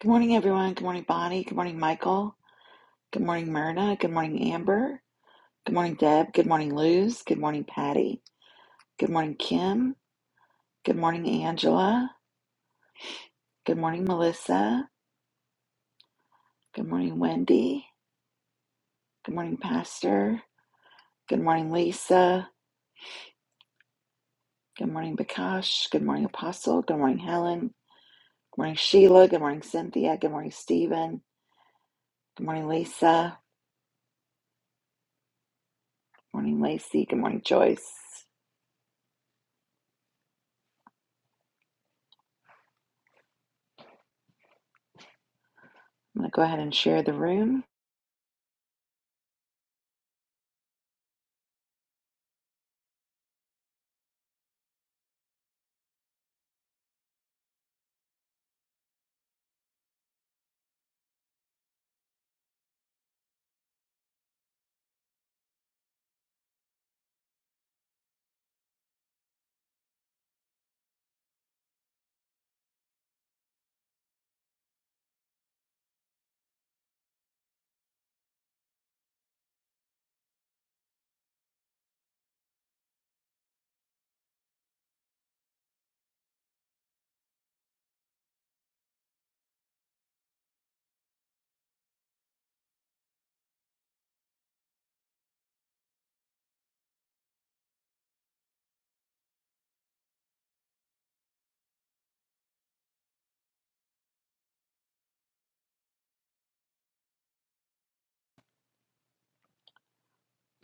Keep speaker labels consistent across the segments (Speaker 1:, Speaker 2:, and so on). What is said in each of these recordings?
Speaker 1: Good morning, everyone. Good morning, Bonnie. Good morning, Michael. Good morning, Myrna. Good morning, Amber. Good morning, Deb. Good morning, Luz. Good morning, Patty. Good morning, Kim. Good morning, Angela. Good morning, Melissa. Good morning, Wendy. Good morning, Pastor. Good morning, Lisa. Good morning, Bakash. Good morning, Apostle. Good morning, Helen. Good morning, Sheila. Good morning, Cynthia. Good morning, Stephen. Good morning, Lisa. Good morning, Lacey. Good morning, Joyce. I'm going to go ahead and share the room.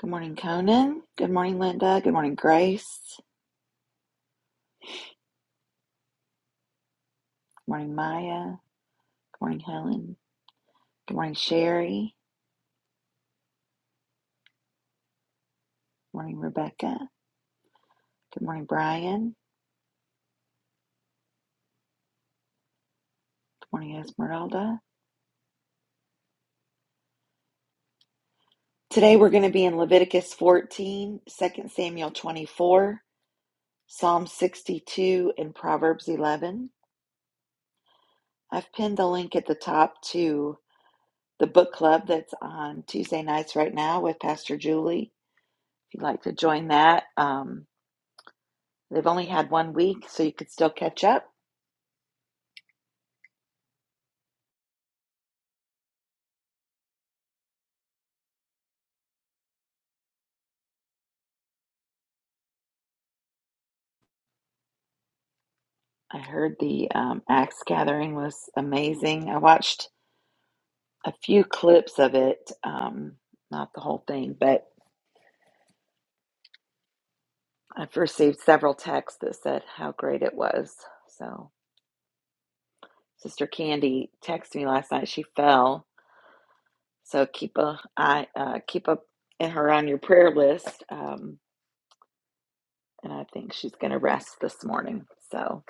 Speaker 1: Good morning, Conan. Good morning, Linda. Good morning, Grace. Good morning, Maya. Good morning, Helen. Good morning, Sherry. Good morning, Rebecca. Good morning, Brian. Good morning, Esmeralda. Today we're going to be in Leviticus 14, Second Samuel 24, Psalm 62, and Proverbs 11. I've pinned the link at the top to the book club that's on Tuesday nights right now with Pastor Julie. If you'd like to join that, um, they've only had one week, so you could still catch up. I heard the um, Axe gathering was amazing. I watched a few clips of it, um, not the whole thing, but I've received several texts that said how great it was. So, Sister Candy texted me last night. She fell, so keep a eye, uh, keep up in her on your prayer list. Um, and I think she's going to rest this morning. So,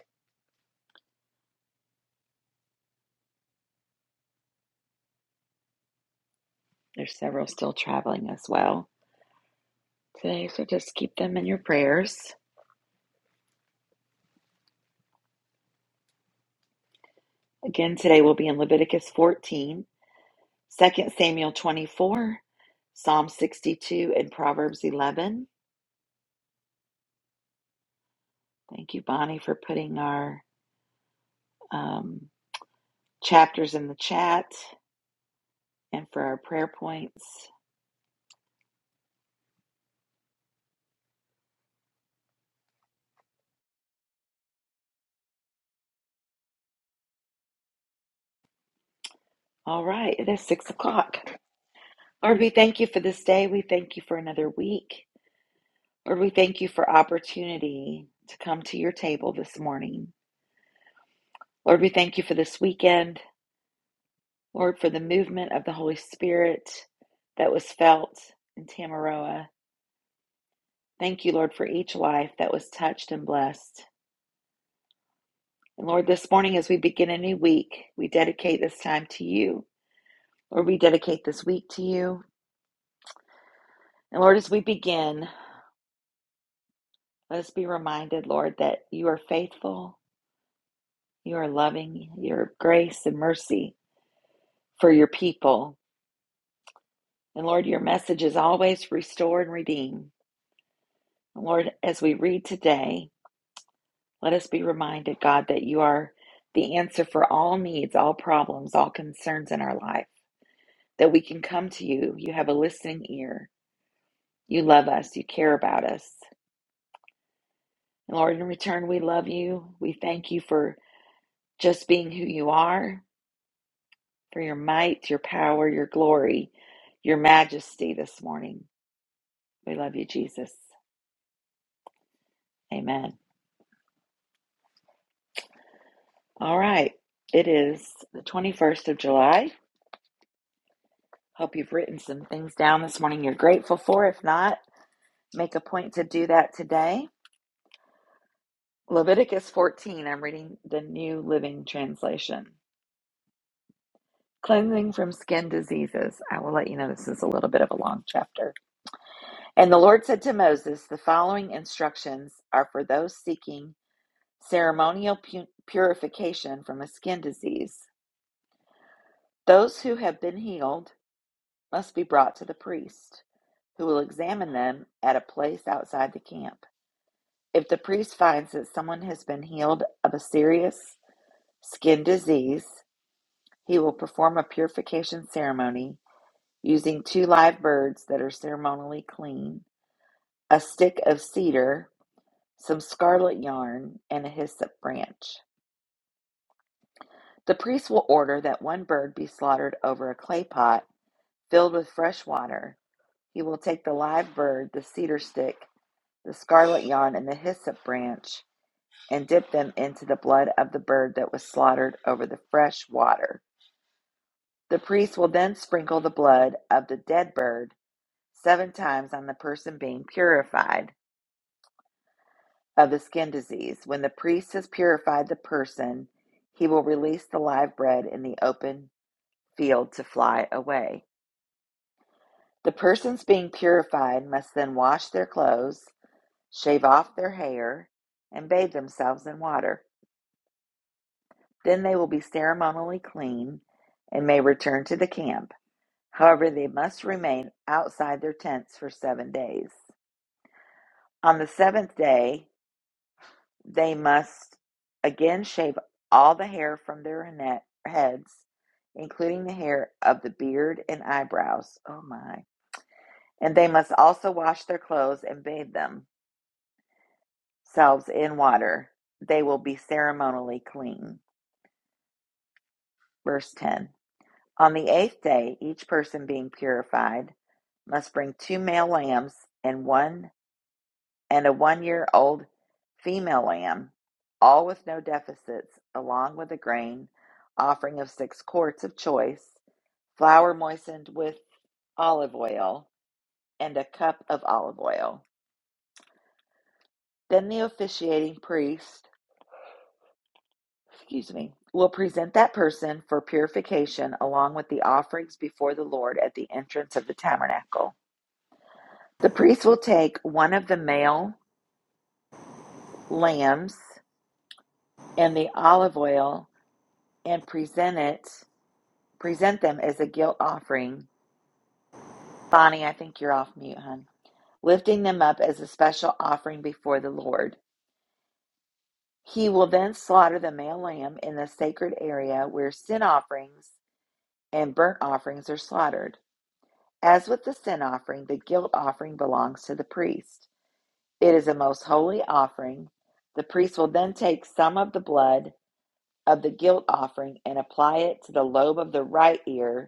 Speaker 1: there's several still traveling as well today. So, just keep them in your prayers. Again, today we'll be in Leviticus 14. Second Samuel 24, Psalm 62, and Proverbs 11. Thank you, Bonnie, for putting our um, chapters in the chat and for our prayer points. All right, it is 6 o'clock. Lord, we thank you for this day. We thank you for another week. Lord, we thank you for opportunity to come to your table this morning. Lord, we thank you for this weekend. Lord, for the movement of the Holy Spirit that was felt in Tamaroa. Thank you, Lord, for each life that was touched and blessed. And Lord, this morning as we begin a new week, we dedicate this time to you. Lord, we dedicate this week to you. And Lord, as we begin, let us be reminded, Lord, that you are faithful, you are loving, your grace and mercy for your people. And Lord, your message is always restore and redeem. And Lord, as we read today, let us be reminded, God, that you are the answer for all needs, all problems, all concerns in our life. that we can come to you. You have a listening ear. You love us. You care about us. And Lord, in return, we love you. We thank you for just being who you are, for your might, your power, your glory, your majesty this morning. We love you, Jesus. Amen. All right. It is the 21st of July. Hope you've written some things down this morning you're grateful for. If not, make a point to do that today. Leviticus 14, I'm reading the New Living Translation. Cleansing from skin diseases. I will let you know this is a little bit of a long chapter. And the Lord said to Moses, The following instructions are for those seeking ceremonial pu- purification from a skin disease. Those who have been healed must be brought to the priest, who will examine them at a place outside the camp. If the priest finds that someone has been healed of a serious skin disease, he will perform a purification ceremony using two live birds that are ceremonially clean, a stick of cedar, some scarlet yarn, and a hyssop branch. The priest will order that one bird be slaughtered over a clay pot filled with fresh water. He will take the live bird, the cedar stick, the scarlet yarn, and the hyssop branch, and dip them into the blood of the bird that was slaughtered over the fresh water. The priest will then sprinkle the blood of the dead bird seven times on the person being purified of the skin disease. When the priest has purified the person, he will release the live bread in the open field to fly away. The persons being purified must then wash their clothes, shave off their hair, and bathe themselves in water. Then they will be ceremonially clean and may return to the camp. However, they must remain outside their tents for seven days. On the seventh day, They must again shave all the hair from their net, heads, including the hair of the beard and eyebrows. Oh my. And they must also wash their clothes and bathe themselves in water. They will be ceremonially clean. Verse 10 On the eighth day, each person being purified must bring two male lambs and one and a one year old female lamb, all with no deficits, along with a grain offering of six quarts of choice, flour moistened with olive oil, and a cup of olive oil. Then the officiating priest, excuse me, will present that person for purification along with the offerings before the Lord at the entrance of the tabernacle. The priest will take one of the male lambs and the olive oil and present it Present them as a guilt offering. Bonnie, I think you're off mute, hon. Lifting them up as a special offering before the Lord. He will then slaughter the male lamb in the sacred area where sin offerings and burnt offerings are slaughtered. As with the sin offering, the guilt offering belongs to the priest. It is a most holy offering. The priest will then take some of the blood of the guilt offering and apply it to the lobe of the right ear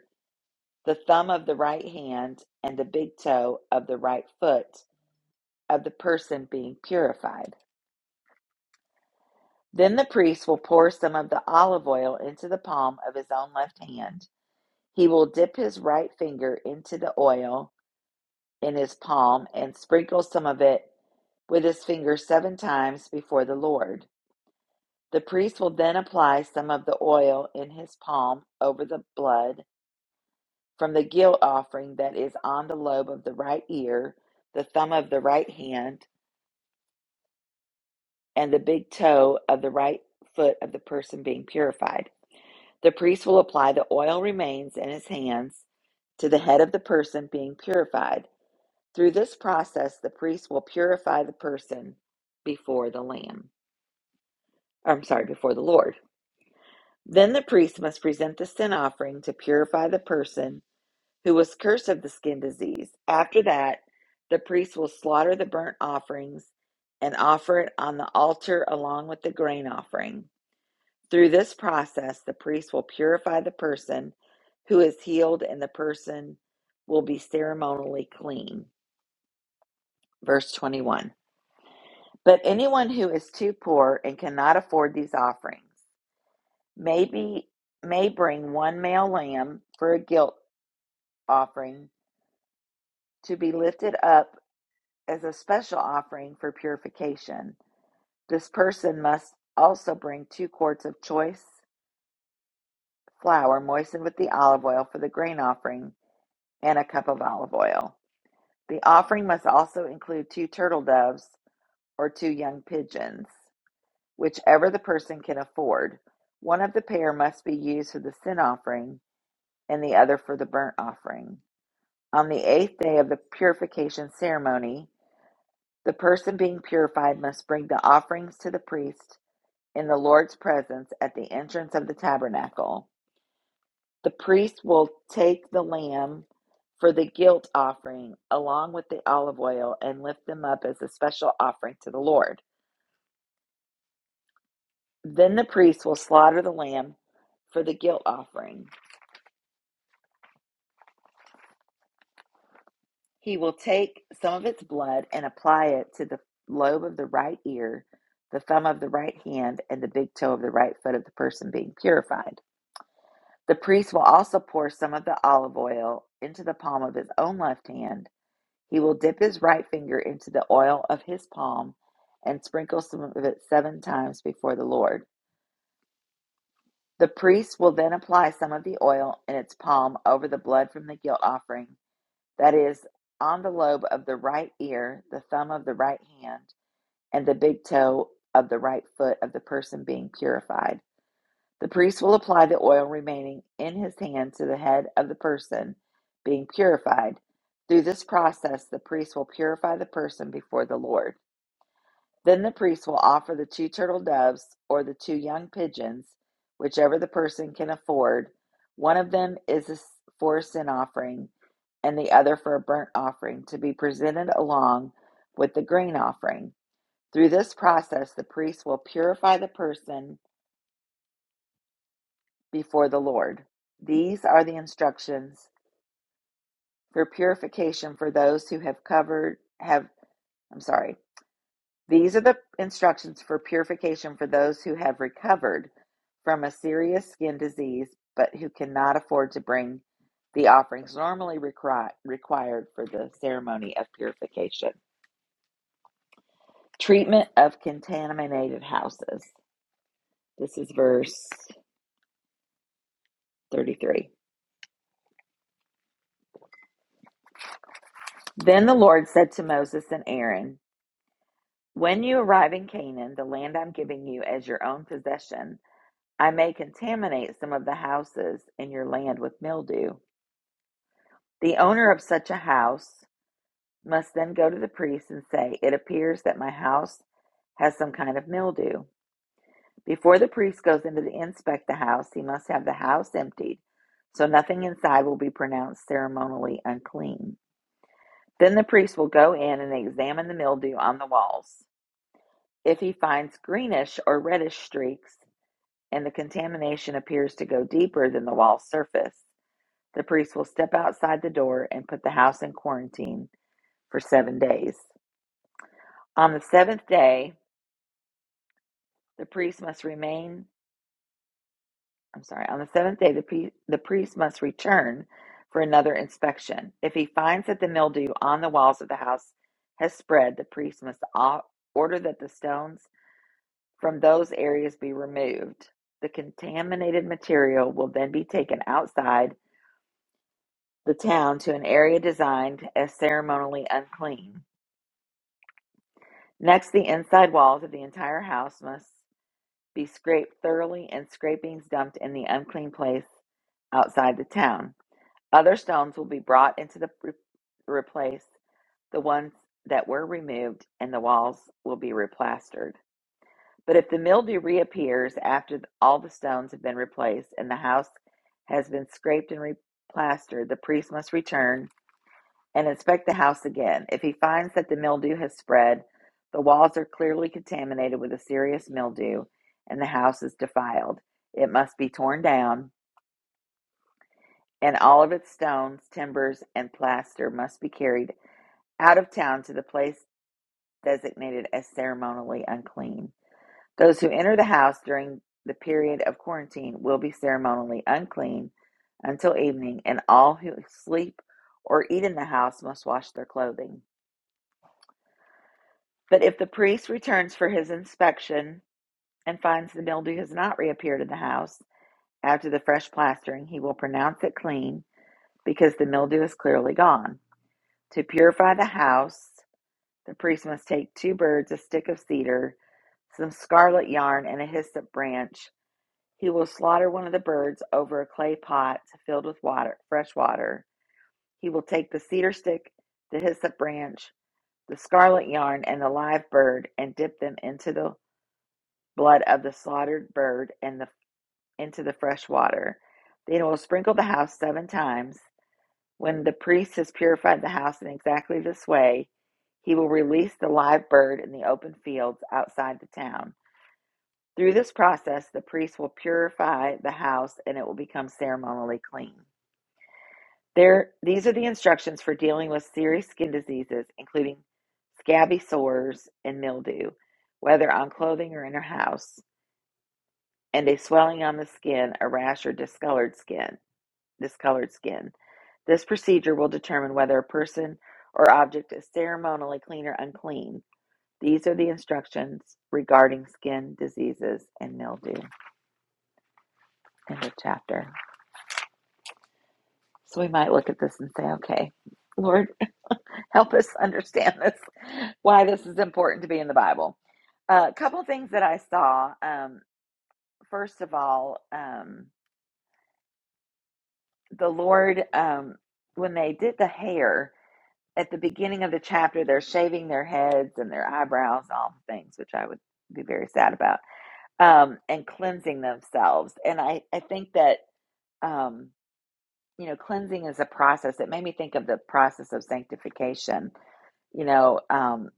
Speaker 1: the thumb of the right hand and the big toe of the right foot of the person being purified. Then the priest will pour some of the olive oil into the palm of his own left hand. He will dip his right finger into the oil in his palm and sprinkle some of it with his finger seven times before the Lord. The priest will then apply some of the oil in his palm over the blood from the guilt offering that is on the lobe of the right ear, the thumb of the right hand, and the big toe of the right foot of the person being purified. The priest will apply the oil remains in his hands to the head of the person being purified. Through this process, the priest will purify the person before the Lamb. or, I'm sorry, before the Lord. Then the priest must present the sin offering to purify the person who was cursed of the skin disease. After that, the priest will slaughter the burnt offerings and offer it on the altar along with the grain offering. Through this process, the priest will purify the person who is healed, and the person will be ceremonially clean. Verse 21. But anyone who is too poor and cannot afford these offerings may, be, may bring one male lamb for a guilt offering to be lifted up as a special offering for purification. This person must also bring two quarts of choice flour moistened with the olive oil for the grain offering and a cup of olive oil. The offering must also include two turtle doves or two young pigeons, whichever the person can afford. One of the pair must be used for the sin offering and the other for the burnt offering. On the eighth day of the purification ceremony, the person being purified must bring the offerings to the priest in the Lord's presence at the entrance of the tabernacle. The priest will take the lamb for the guilt offering along with the olive oil and lift them up as a special offering to the Lord. Then the priest will slaughter the lamb for the guilt offering. He will take some of its blood and apply it to the lobe of the right ear, the thumb of the right hand, and the big toe of the right foot of the person being purified. The priest will also pour some of the olive oil into the palm of his own left hand He will dip his right finger into the oil of his palm and sprinkle some of it seven times before the Lord. The priest will then apply some of the oil in its palm over the blood from the guilt offering, that is, on the lobe of the right ear, the thumb of the right hand, and the big toe of the right foot of the person being purified. The priest will apply the oil remaining in his hand to the head of the person being purified. Through this process, the priest will purify the person before the Lord. Then the priest will offer the two turtle doves or the two young pigeons, whichever the person can afford. One of them is a s- for a sin offering, and the other for a burnt offering, to be presented along with the grain offering. Through this process, the priest will purify the person before the Lord. These are the instructions for purification for those who have covered have. I'm sorry These are the instructions for purification for those who have recovered from a serious skin disease but who cannot afford to bring the offerings normally requi- required for the ceremony of purification. Treatment of contaminated houses. This is verse 33. Then the Lord said to Moses and Aaron, When you arrive in Canaan, the land I'm giving you as your own possession, I may contaminate some of the houses in your land with mildew. The owner of such a house must then go to the priest and say, It appears that my house has some kind of mildew. Before the priest goes in to inspect the house, he must have the house emptied so nothing inside will be pronounced ceremonially unclean. Then the priest will go in and examine the mildew on the walls. If he finds greenish or reddish streaks and the contamination appears to go deeper than the wall surface, the priest will step outside the door and put the house in quarantine for seven days. On the seventh day, the priest must remain. I'm sorry. On the seventh day, the, the priest must return for another inspection. If he finds that the mildew on the walls of the house has spread, the priest must order that the stones from those areas be removed. The contaminated material will then be taken outside the town to an area designed as ceremonially unclean. Next, the inside walls of the entire house must Be scraped thoroughly and scrapings dumped in the unclean place outside the town. Other stones will be brought into the re- replace the ones that were removed, and the walls will be replastered. But if the mildew reappears after all the stones have been replaced and the house has been scraped and replastered, the priest must return and inspect the house again. If he finds that the mildew has spread, the walls are clearly contaminated with a serious mildew, and the house is defiled, it must be torn down, and all of its stones, timbers, and plaster must be carried out of town to the place designated as ceremonially unclean. Those who enter the house during the period of quarantine will be ceremonially unclean until evening, and all who sleep or eat in the house must wash their clothing. But if the priest returns for his inspection and finds the mildew has not reappeared in the house after the fresh plastering, he will pronounce it clean because the mildew is clearly gone. To purify the house, the priest must take two birds, a stick of cedar, some scarlet yarn, and a hyssop branch. He will slaughter one of the birds over a clay pot filled with water, fresh water. He will take the cedar stick, the hyssop branch, the scarlet yarn, and the live bird and dip them into the blood of the slaughtered bird and the, into the fresh water. Then he will sprinkle the house seven times. When the priest has purified the house in exactly this way, he will release the live bird in the open fields outside the town. Through this process, the priest will purify the house and it will become ceremonially clean. There, these are the instructions for dealing with serious skin diseases, including scabby sores and mildew, whether on clothing or in a house. and a swelling on the skin, a rash, or discolored skin. Discolored skin. This procedure will determine whether a person or object is ceremonially clean or unclean. These are the instructions regarding skin diseases and mildew. End of chapter. So we might look at this and say, okay, Lord, help us understand this, why this is important to be in the Bible. A uh, couple things that I saw. Um, first of all, um, the Lord, um, when they did the hair, at the beginning of the chapter, they're shaving their heads and their eyebrows, all the things, which I would be very sad about, um, and cleansing themselves. And I, I think that, um, you know, cleansing is a process. It made me think of the process of sanctification. You know, um,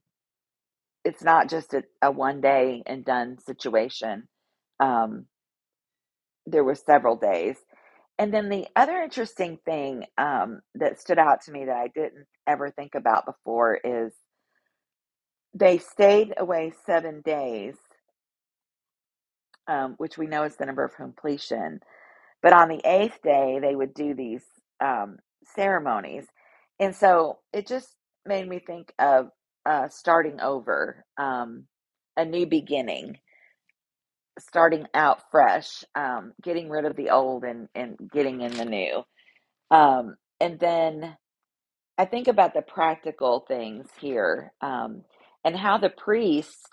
Speaker 1: it's not just a, a one day and done situation. Um, there were several days. And then the other interesting thing um, that stood out to me that I didn't ever think about before is. They stayed away seven days, um, which we know is the number of completion. But on the eighth day, they would do these um, ceremonies. And so it just made me think of uh, starting over, um, a new beginning, starting out fresh, um, getting rid of the old and, and getting in the new. Um, and then I think about the practical things here um, and how the priest.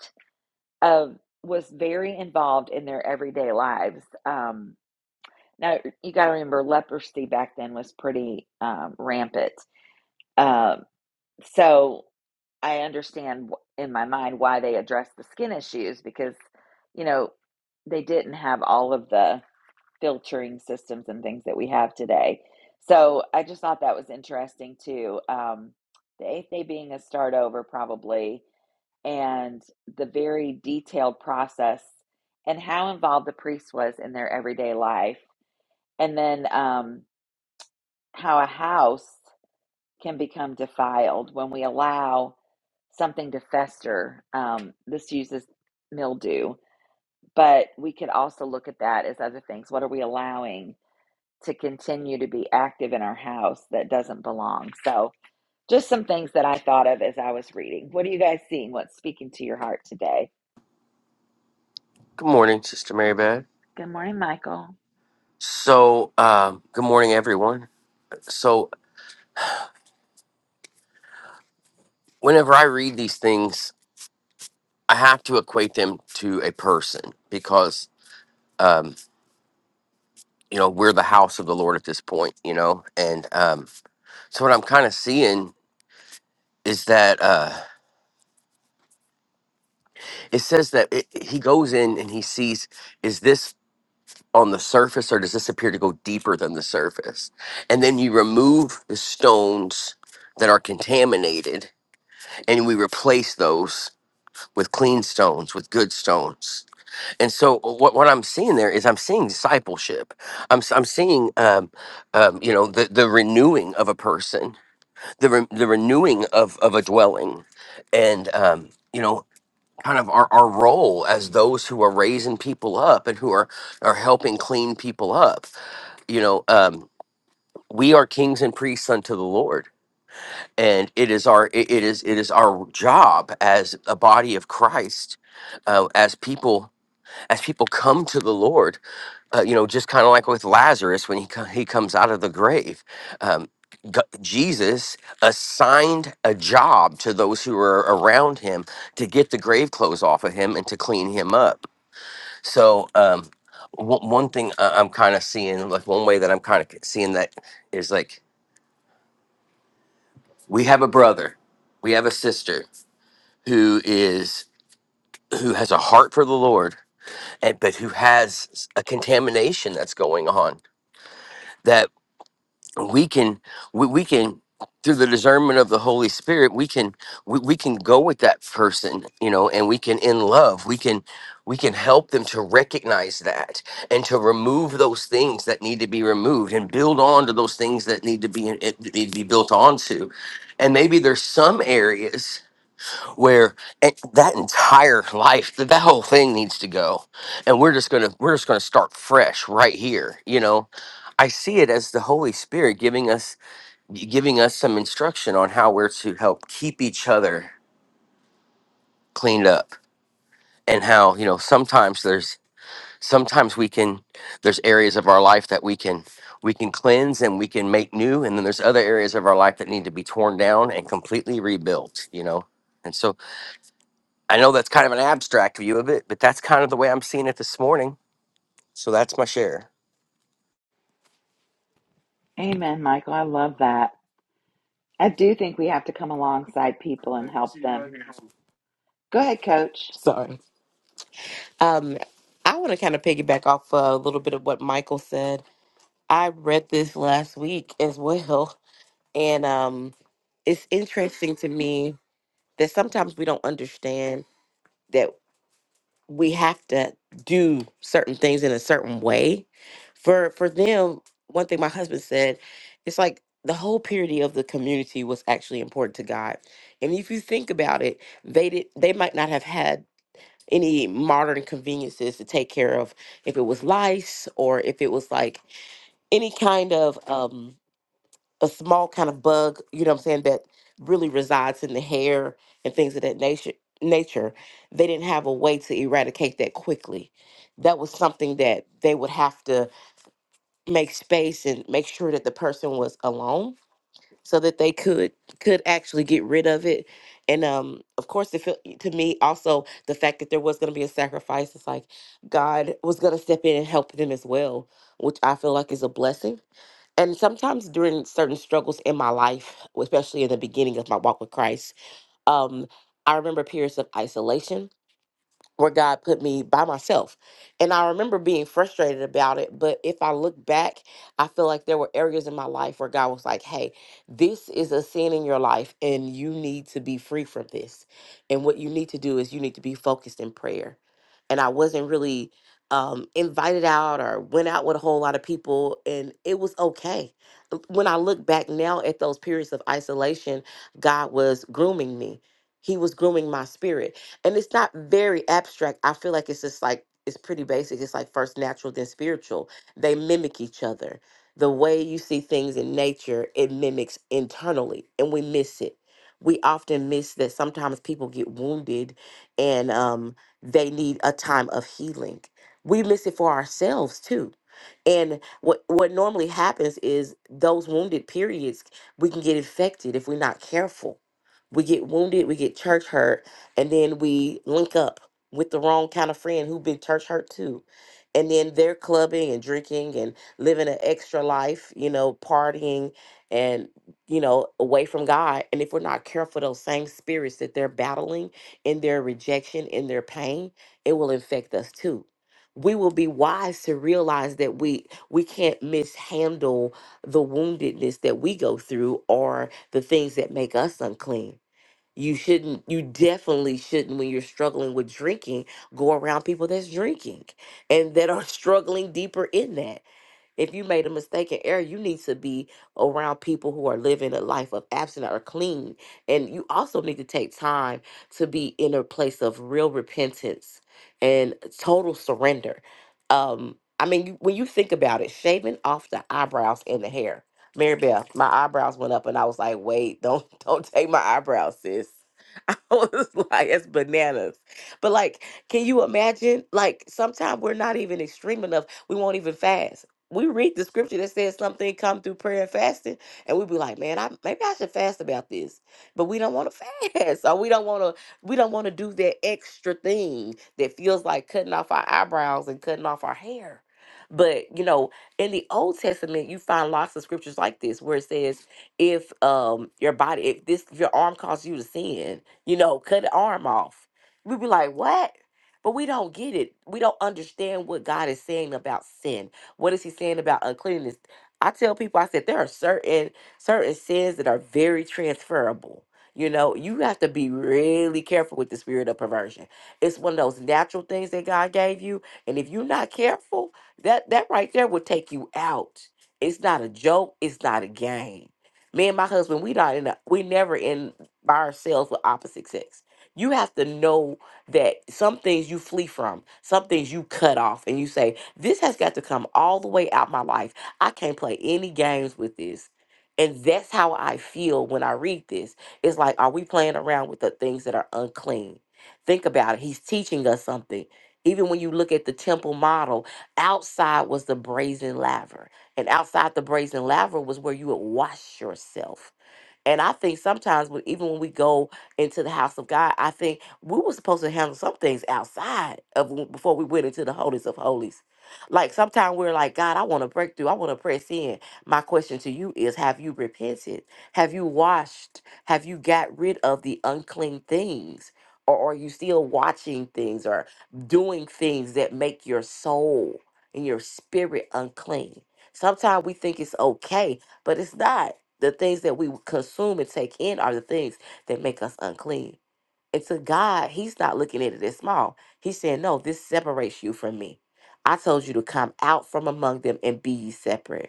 Speaker 1: of was very involved in their everyday lives. Um, now you got to remember, leprosy back then was pretty um, rampant. Um, so I understand in my mind why they addressed the skin issues because, you know, they didn't have all of the filtering systems and things that we have today. So I just thought that was interesting too. Um, the eighth day being a start over, probably and the very detailed process and how involved the priest was in their everyday life. And then um, how a house can become defiled when we allow something to fester. Um, this uses mildew, but we could also look at that as other things. What are we allowing to continue to be active in our house that doesn't belong? So, just some things that I thought of as I was reading. What are you guys seeing? What's speaking to your heart today?
Speaker 2: Good morning, Sister Mary Beth.
Speaker 1: Good morning, Michael.
Speaker 2: So, um, good morning, everyone. So, whenever I read these things, I have to equate them to a person because, um, you know, we're the house of the Lord at this point, you know? And um, so, what I'm kind of seeing is that uh, it says that it, he goes in and he sees, is this on the surface or does this appear to go deeper than the surface? And then you remove the stones that are contaminated and we replace those with clean stones, with good stones. And so uh, what, what I'm seeing there is I'm seeing discipleship. I'm, s- I'm seeing, um, um, you know, the, the renewing of a person, the, re- the renewing of, of a dwelling and, um, you know, kind of our, our role as those who are raising people up and who are, are helping clean people up. You know, um, we are kings and priests unto the Lord. And it is our it it is it is our job as a body of Christ, uh, as people as people come to the Lord, uh, you know, just kind of like with Lazarus when he co- he comes out of the grave, um, G- Jesus assigned a job to those who were around him to get the grave clothes off of him and to clean him up. So. Um, one one thing I- I'm kind of seeing, like one way that I'm kind of seeing that is like we have a brother, we have a sister who is who has a heart for the Lord, and but who has a contamination that's going on we can we, we can through the discernment of the holy spirit we can we, we can go with that person you know and we can in love we can we can help them to recognize that and to remove those things that need to be removed and build on to those things that need to be it- need to be built onto and maybe there's some areas where it, that entire life that, that whole thing needs to go and we're just gonna we're just gonna start fresh right here you know i see it as the holy spirit giving us giving us some instruction on how we're to help keep each other cleaned up and how you know sometimes there's sometimes we can there's areas of our life that we can we can cleanse and we can make new and then there's other areas of our life that need to be torn down and completely rebuilt you know and so I know that's kind of an abstract view of it, but that's kind of the way I'm seeing it this morning. So that's my share.
Speaker 1: Amen, Michael. I love that. I do think we have to come alongside people and help them. Go ahead, coach.
Speaker 3: Sorry. Um, I want to kind of piggyback off uh, a little bit of what Michael said. I read this last week as well, and um, it's interesting to me that sometimes we don't understand that we have to do certain things in a certain way. For for them, one thing my husband said, it's like the whole purity of the community was actually important to God. And if you think about it, they did they might not have had any modern conveniences to take care of if it was lice or if it was like any kind of um a small kind of bug you know what i'm saying that really resides in the hair and things of that nature nature they didn't have a way to eradicate that quickly that was something that they would have to make space and make sure that the person was alone so that they could could actually get rid of it and um of course it felt to me also the fact that there was going to be a sacrifice it's like god was going to step in and help them as well which i feel like is a blessing and sometimes during certain struggles in my life especially in the beginning of my walk with christ um i remember periods of isolation where God put me by myself. And I remember being frustrated about it. But if I look back, I feel like there were areas in my life where God was like, hey, this is a sin in your life and you need to be free from this. And what you need to do is you need to be focused in prayer. And I wasn't really um, invited out or went out with a whole lot of people. And it was okay. When I look back now at those periods of isolation, God was grooming me. He was grooming my spirit and it's not very abstract. I feel like it's just like it's pretty basic. It's like first natural, then spiritual. They mimic each other. The way you see things in nature, it mimics internally, and we miss it. We often miss that sometimes people get wounded and um, they need a time of healing. We miss it for ourselves too. And what what normally happens is those wounded periods we can get infected if we're not careful. We get wounded, we get church hurt, and then we link up with the wrong kind of friend who have been church hurt too and then they're clubbing and drinking and living an extra life you know partying and you know away from god and if we're not careful those same spirits that they're battling in their rejection in their pain it will infect us too we will be wise to realize that we we can't mishandle the woundedness that we go through or the things that make us unclean you shouldn't, you definitely shouldn't, when you're struggling with drinking, go around people that's drinking and that are struggling deeper in that. If you made a mistake and error, you need to be around people who are living a life of abstinence or clean. And you also need to take time to be in a place of real repentance and total surrender. Um, I mean, you- when you think about it, shaving off the eyebrows and the hair. Mary Beth, my eyebrows went up and I was like, wait, don't don't take my eyebrows, sis. I was like, it's bananas. But like, can you imagine? Like, sometimes we're not even extreme enough. We won't even fast. We read the scripture that says something come through prayer and fasting, and we be like, man, I maybe I should fast about this. But we don't want to fast, or we don't want to. We don't want to do that extra thing that feels like cutting off our eyebrows and cutting off our hair. But you know, in the Old Testament, you find lots of scriptures like this where it says, if um your body if this if your arm causes you to sin you know, cut an arm off. We be like, what? But we don't get it. We don't understand what God is saying about sin. What is He saying about uncleanness? I tell people, I said there are certain certain sins that are very transferable. You know, you have to be really careful with the spirit of perversion. It's one of those natural things that God gave you, and if you're not careful, that that right there will take you out. It's not a joke. It's not a game. Me and my husband, we not in. A, we never in by ourselves with opposite sex. You have to know that some things you flee from, some things you cut off, and you say, This has got to come all the way out my life. I can't play any games with this. And that's how I feel when I read this. It's like, are we playing around with the things that are unclean? Think about it. He's teaching us something. Even when you look at the temple model, outside was the brazen laver. And outside the brazen laver was where you would wash yourself and I think sometimes when even when we go into the house of God, I think we were supposed to handle some things outside of w- before we went into the holies of holies. Like sometimes we're like, God, I want to break through. I want to press in. My question to you is, have you repented? Have you washed? Have you got rid of the unclean things? Or are you still watching things or doing things that make your soul and your spirit unclean? Sometimes we think it's okay, but it's not the things that we consume and take in are the things that make us unclean. And to God, He's not looking at it as small. He's saying, No, this separates you from me. I told you to come out from among them and be ye separate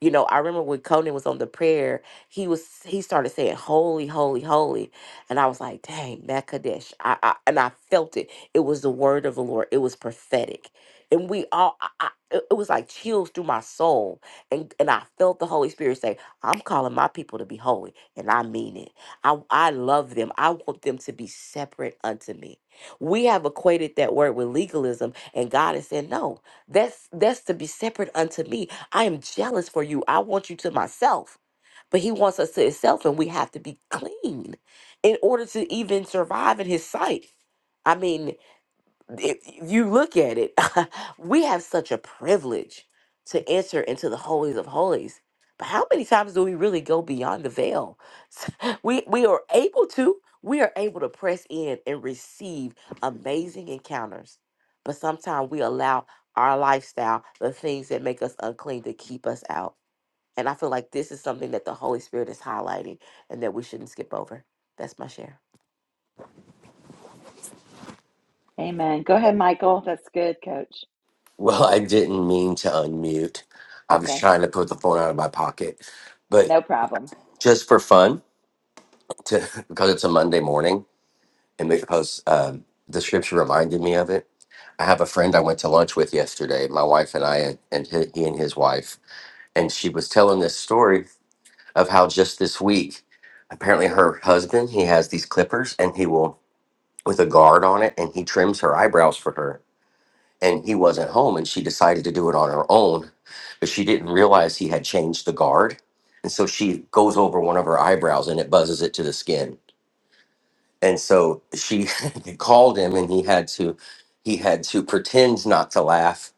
Speaker 3: you know, I remember when Conan was on the prayer, he was he started saying holy, holy, holy. And I was like, dang, that Kadesh. I, I and I felt it. It was the word of the Lord. It was prophetic. And we all I, I, it it was like chills through my soul. And and I felt the Holy Spirit say, I'm calling my people to be holy. And I mean it. I I love them. I want them to be separate unto me. We have equated that word with legalism, and God is saying, No, that's that's to be separate unto me. I am jealous for you. I want you to myself. But he wants us to himself, and we have to be clean in order to even survive in his sight. I mean, if you look at it, we have such a privilege to enter into the holies of holies. But how many times do we really go beyond the veil? We we are able to, we are able to press in and receive amazing encounters. But sometimes we allow our lifestyle, the things that make us unclean to keep us out. And I feel like this is something that the Holy Spirit is highlighting and that we shouldn't skip over. That's my share.
Speaker 1: Amen. Go ahead, Michael. That's good, coach.
Speaker 2: Well, I didn't mean to unmute. I was
Speaker 1: Okay,
Speaker 2: trying to put the phone out of my pocket, but
Speaker 1: no problem.
Speaker 2: just for fun, to, because it's a Monday morning, and because um, the scripture reminded me of it. I have a friend I went to lunch with yesterday, my wife and I, and, and he, he and his wife, and she was telling this story of how just this week, apparently her husband he has these clippers, and he will. with a guard on it and he trims her eyebrows for her and he wasn't home and she decided to do it on her own but she didn't realize he had changed the guard and so she goes over one of her eyebrows and it buzzes it to the skin and so she called him and he had to he had to pretend not to laugh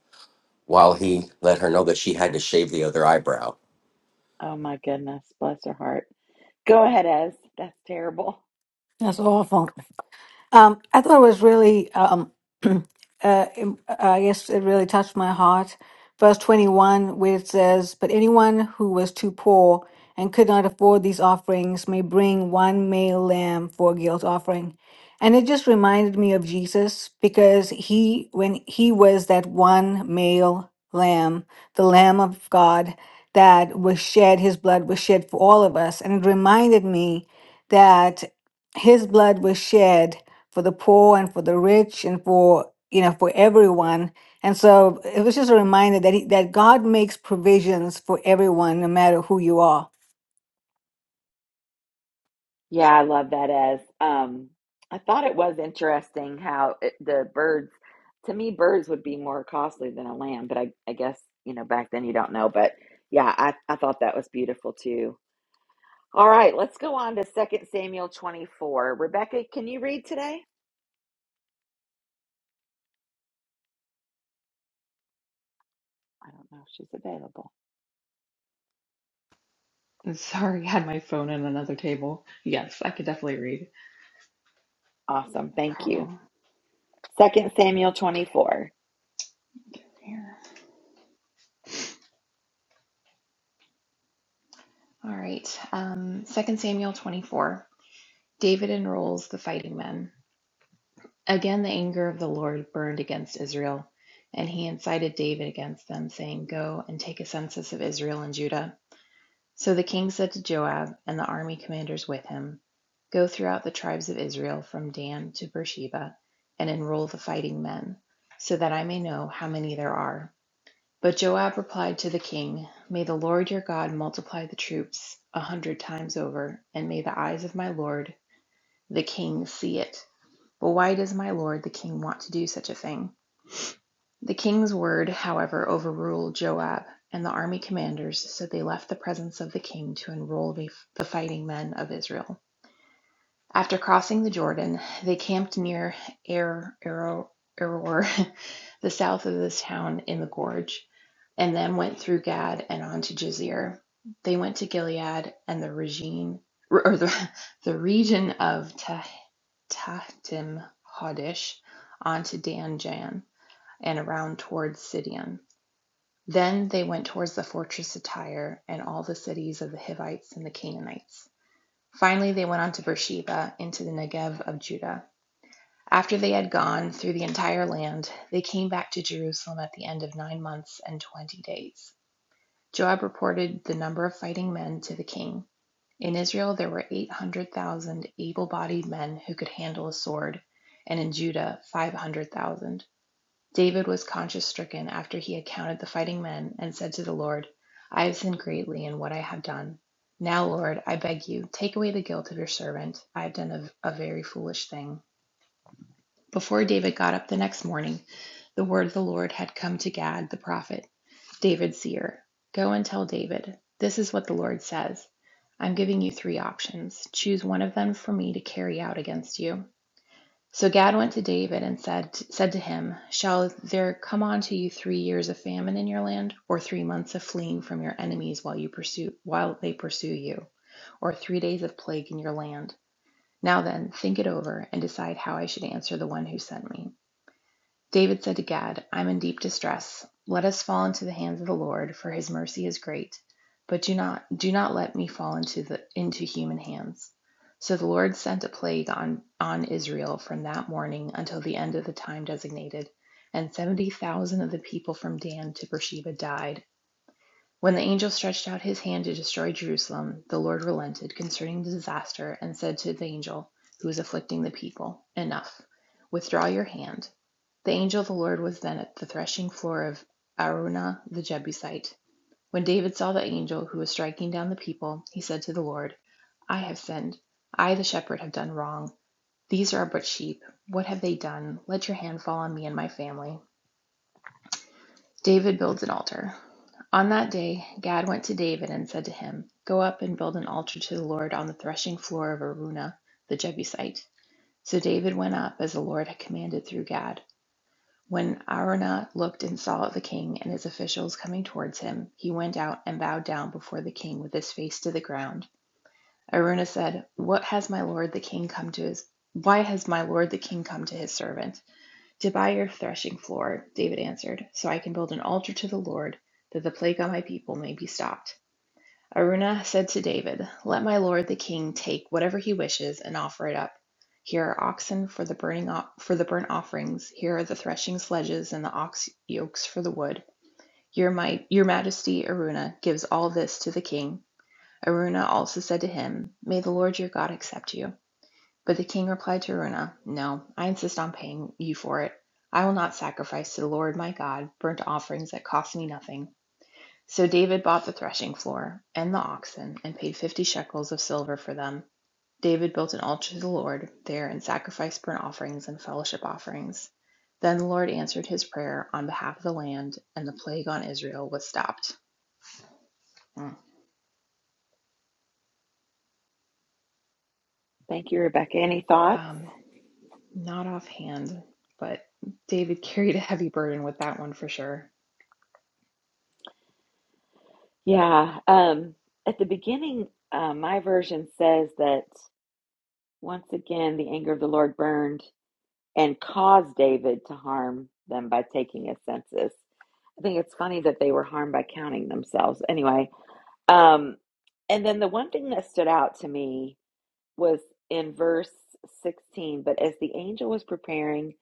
Speaker 2: while he let her know that she had to shave the other eyebrow
Speaker 1: Oh my goodness, bless her heart. Go ahead, Ez. That's terrible.
Speaker 4: That's awful. Um, I thought it was really, um, uh, I guess it really touched my heart. Verse 21, where it says, But anyone who was too poor and could not afford these offerings may bring one male lamb for a guilt offering. And it just reminded me of Jesus because he, when he was that one male lamb, the Lamb of God that was shed, his blood was shed for all of us. And it reminded me that his blood was shed for the poor and for the rich and for you know for everyone and so it was just a reminder that he, that god makes provisions for everyone no matter who you are
Speaker 1: Yeah, I love that, Ez. Um, I thought it was interesting how it, the birds, to me, birds would be more costly than a lamb, but I, I guess, you know, back then you don't know. But yeah, I, I thought that was beautiful too. All right, let's go on to Second Samuel 24. Rebecca, can you read today? I don't know if she's available.
Speaker 5: Sorry, I had my phone on another table. Yes, I could definitely read.
Speaker 1: Awesome.
Speaker 5: No
Speaker 1: Thank you.
Speaker 5: problem.
Speaker 1: Second Samuel 24.
Speaker 5: Here. All right. Um, 2 Samuel 24. David enrolls the fighting men. Again, the anger of the Lord burned against Israel, and he incited David against them, saying, Go and take a census of Israel and Judah. So the king said to Joab and the army commanders with him, Go throughout the tribes of Israel from Dan to Beersheba, and enroll the fighting men, so that I may know how many there are But Joab replied to the king, May the Lord your God multiply the troops a hundred times over, and may the eyes of my lord the king see it. But why does my lord the king want to do such a thing? The king's word, however, overruled Joab and the army commanders, so they left the presence of the king to enroll the fighting men of Israel. After crossing the Jordan, they camped near Er Ero, Eror, the south of this town in the gorge and then went through Gad and on to Jizir. They went to Gilead and the region, or the, the region of Ta- Tahtim Hodish, on to Dan Jan, and around towards Sidon. Then they went towards the fortress of Tyre and all the cities of the Hivites and the Canaanites. Finally, they went on to Beersheba into the Negev of Judah. After they had gone through the entire land, they came back to Jerusalem at the end of nine months and twenty days. Joab reported the number of fighting men to the king. In Israel there were 800,000 able bodied men who could handle a sword, and in Judah 500,000. David was conscience stricken after he had counted the fighting men and said to the Lord, I have sinned greatly in what I have done. Now, Lord, I beg you, take away the guilt of your servant. I have done a, a very foolish thing. Before David got up the next morning, the word of the Lord had come to Gad the prophet. David Seer, go and tell David, this is what the Lord says. I'm giving you three options. Choose one of them for me to carry out against you. So Gad went to David and said said to him, Shall there come on to you three years of famine in your land, or three months of fleeing from your enemies while you pursue while they pursue you, or three days of plague in your land? Now then, think it over and decide how I should answer the one who sent me. David said to Gad, I am in deep distress; let us fall into the hands of the Lord, for his mercy is great; but do not do not let me fall into the into human hands. So the Lord sent a plague on on Israel from that morning until the end of the time designated, and seventy thousand of the people from Dan to Beersheba died. When the angel stretched out his hand to destroy Jerusalem, the Lord relented concerning the disaster, and said to the angel who was afflicting the people, Enough; withdraw your hand. The angel of the Lord was then at the threshing floor of Araunah the Jebusite. When David saw the angel who was striking down the people, he said to the Lord, I have sinned; I the shepherd have done wrong; these are but sheep; what have they done? Let your hand fall on me and my family. David builds an altar. On that day Gad went to David and said to him, Go up and build an altar to the Lord on the threshing floor of Araunah the Jebusite. So David went up as the Lord had commanded through Gad. When Araunah looked and saw the king and his officials coming towards him, he went out and bowed down before the king with his face to the ground. Araunah said, "What has my lord the king come to his why has my lord the king come to his servant?" "To buy your threshing floor," David answered, "so I can build an altar to the Lord, that the plague on my people may be stopped." Araunah said to David, Let my lord the king take whatever he wishes and offer it up. Here are oxen for the burning for the burnt offerings. Here are the threshing sledges and the ox yokes for the wood. Your might, your majesty, Araunah, gives all this to the king. Araunah also said to him, May the Lord your God accept you. But the king replied to Araunah, No, I insist on paying you for it. I will not sacrifice to the Lord my God burnt offerings that cost me nothing. So David bought the threshing floor, and the oxen, and paid fifty shekels of silver for them. David built an altar to the Lord there and sacrificed burnt offerings and fellowship offerings. Then the Lord answered his prayer on behalf of the land, and the plague on Israel was stopped. Hmm.
Speaker 1: Thank you, Rebecca. Any thoughts?
Speaker 5: Um, not offhand, but David carried a heavy burden with that one for sure.
Speaker 1: Yeah. Um, at the beginning, uh, my version says that once again, the anger of the Lord burned and caused David to harm them by taking a census. I think it's funny that they were harmed by counting themselves. Anyway, um, and then the one thing that stood out to me was in verse 16. But as the angel was preparing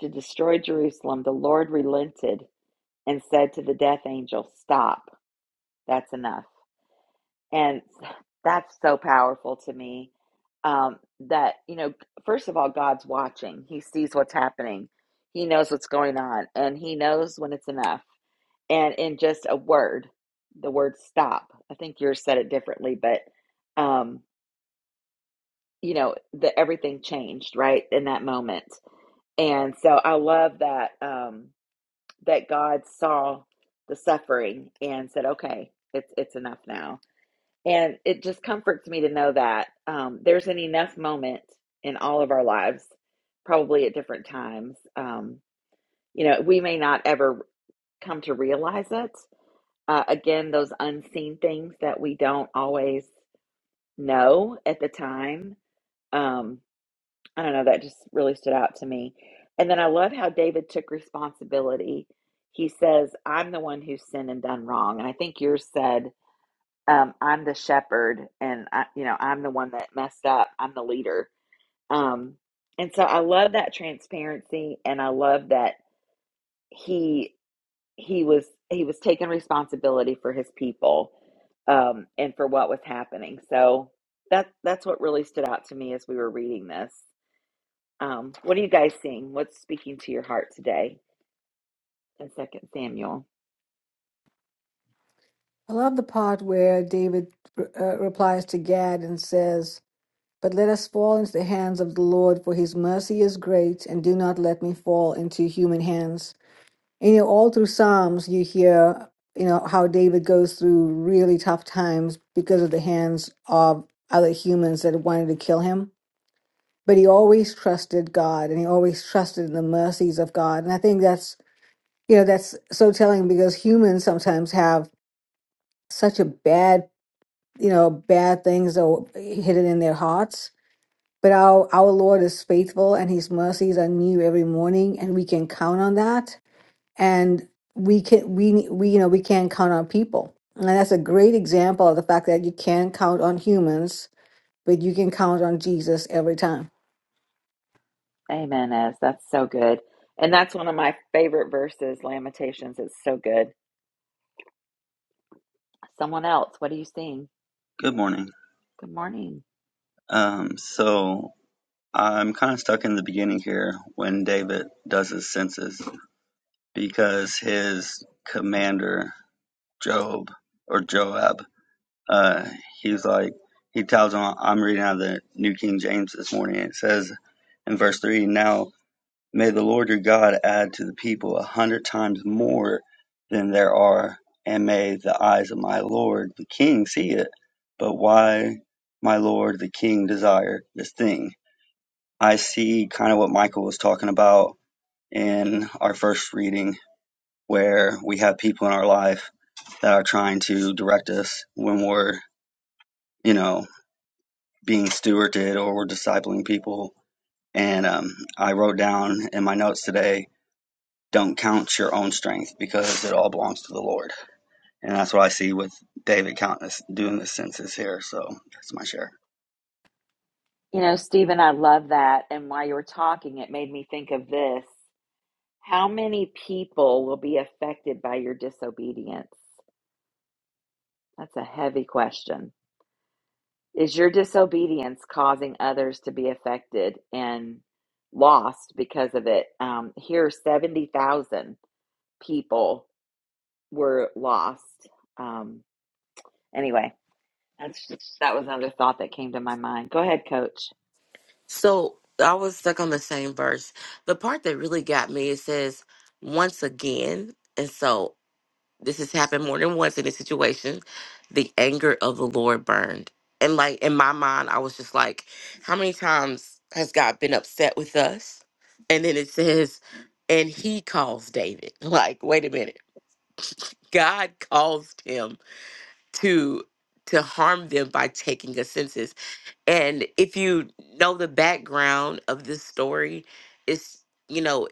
Speaker 1: to destroy Jerusalem, the Lord relented and said to the death angel, Stop, that's enough. And that's so powerful to me um, that, you know, first of all, God's watching, He sees what's happening, He knows what's going on, and He knows when it's enough. And in just a word, the word stop, I think yours said it differently, but. um, you know the everything changed right in that moment and so i love that um that god saw the suffering and said okay it's it's enough now and it just comforts me to know that um there's an enough moment in all of our lives probably at different times um you know we may not ever come to realize it uh, again those unseen things that we don't always know at the time Um, I don't know, that just really stood out to me. And then I love how David took responsibility. He says, I'm the one who's sinned and done wrong. And I think yours said, um, I'm the shepherd and I, you know, I'm the one that messed up. I'm the leader. Um, and so I love that transparency and I love that he he was he was taking responsibility for his people um, and for what was happening. So that that's what really stood out to me as we were reading this. Um, what are you guys seeing? What's speaking to your heart today in Second Samuel?
Speaker 4: i love the part where david uh, replies to gad and says but let us fall into the hands of the lord for his mercy is great and do not let me fall into human hands and you know all through psalms you hear you know how david goes through really tough times because of the hands of other humans that wanted to kill him but he always trusted God and he always trusted in the mercies of God. And I think that's, you know, that's so telling because humans sometimes have such a bad, you know, bad things that are hidden in their hearts. But our, our Lord is faithful and his mercies are new every morning and we can count on that. And we can, we, we, you know, we can count on people. And that's a great example of the fact that you can count on humans, but you can count on Jesus every time.
Speaker 1: Amen. As that's so good, and that's one of my favorite verses. Lamentations. It's so good. Someone else. What are you seeing?
Speaker 6: Good morning.
Speaker 1: Good morning.
Speaker 6: Um, so I'm kind of stuck in the beginning here when David does his census because his commander, Job or Joab, uh, he's like, he tells him, I'm reading out of the New King James this morning. It says in verse 3 Now may the Lord your God add to the people a hundred times more than there are, and may the eyes of my Lord the king see it. But why, my Lord the king, desire this thing? I see kind of what Michael was talking about in our first reading, where we have people in our life that are trying to direct us when we're, you know, being stewarded or we're discipling people. And um, I wrote down in my notes today, don't count your own strength because it all belongs to the Lord. And that's what I see with David counting this, doing this census here. So that's my share.
Speaker 1: You know, Stephen, I love that. And while you were talking, it made me think of this. How many people will be affected by your disobedience? That's a heavy question. Is your disobedience causing others to be affected and lost because of it? Um, here, 70,000 people were lost. Um, anyway, that's just, that was another thought that came to my mind. Go ahead, coach.
Speaker 3: So I was stuck on the same verse. The part that really got me it says once again, and so this has happened more than once in this situation. The anger of the Lord burned, and like in my mind, I was just like, how many times has God been upset with us? And then it says, and He calls David. Like, wait a minute, God caused him to to harm them by taking a census and if you know the background of this story, it's, you know,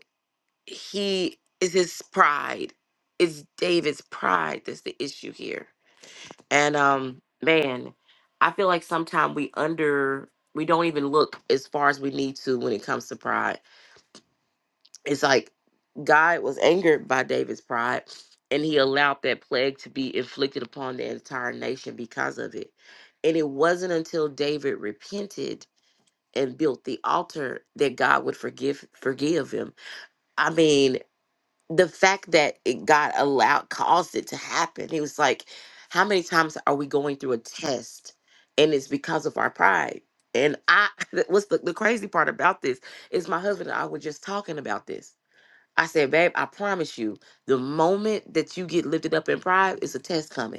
Speaker 3: he is his pride. It's David's pride that's the issue here. And um man, I feel like sometimes we under we don't even look as far as we need to when it comes to pride. It's like God was angered by David's pride and he allowed that plague to be inflicted upon the entire nation because of it. And it wasn't until David repented and built the altar that God would forgive forgive him. I mean, the fact that it God allowed caused it to happen. He was like, how many times are we going through a test and it's because of our pride? And I what's the, the crazy part about this is my husband and I were just talking about this. I said, babe, I promise you, the moment that you get lifted up in pride, it's a test coming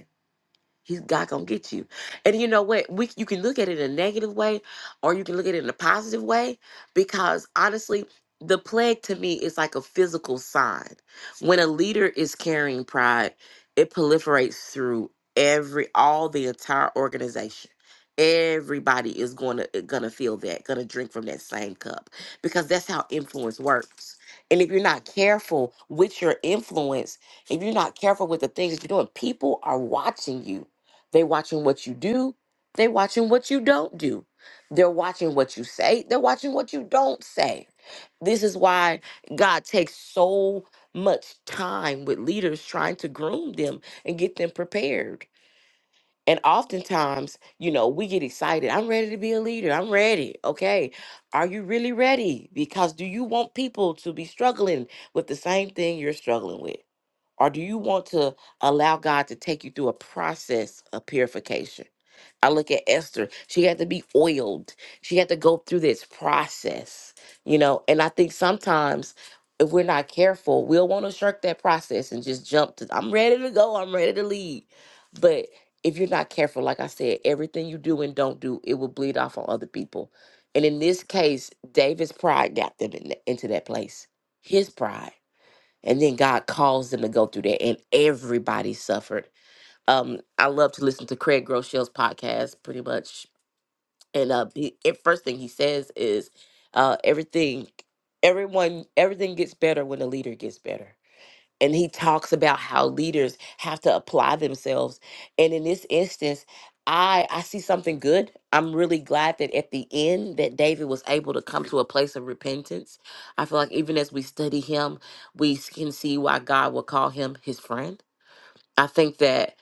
Speaker 3: He's God gonna get you. And you know what? We you can look at it in a negative way or you can look at it in a positive way because honestly, the plague to me is like a physical sign. When a leader is carrying pride, it proliferates through every all the entire organization. Everybody is going to going to feel that, going to drink from that same cup because that's how influence works. And if you're not careful with your influence, if you're not careful with the things that you're doing, people are watching you they watching what you do. They watching what you don't do. They're watching what you say. They're watching what you don't say. This is why God takes so much time with leaders trying to groom them and get them prepared. And oftentimes, you know, we get excited. I'm ready to be a leader. I'm ready. Okay. Are you really ready? Because do you want people to be struggling with the same thing you're struggling with? Or do you want to allow God to take you through a process of purification? I look at Esther. She had to be oiled. She had to go through this process, you know. And I think sometimes if we're not careful, we'll want to shirk that process and just jump to, I'm ready to go, I'm ready to leave. But if you're not careful, like I said, everything you do and don't do, it will bleed off on other people. And in this case, David's pride got them in into that place. His pride and then God calls them to go through that, and everybody suffered. Um, I love to listen to Craig Groeschel's podcast, pretty much, and uh, he, and first thing he says is, uh, everything, everyone, everything gets better when the leader gets better and he talks about how leaders have to apply themselves and in this instance i i see something good i'm really glad that at the end that david was able to come to a place of repentance i feel like even as we study him we s- can see why god will call him his friend i think that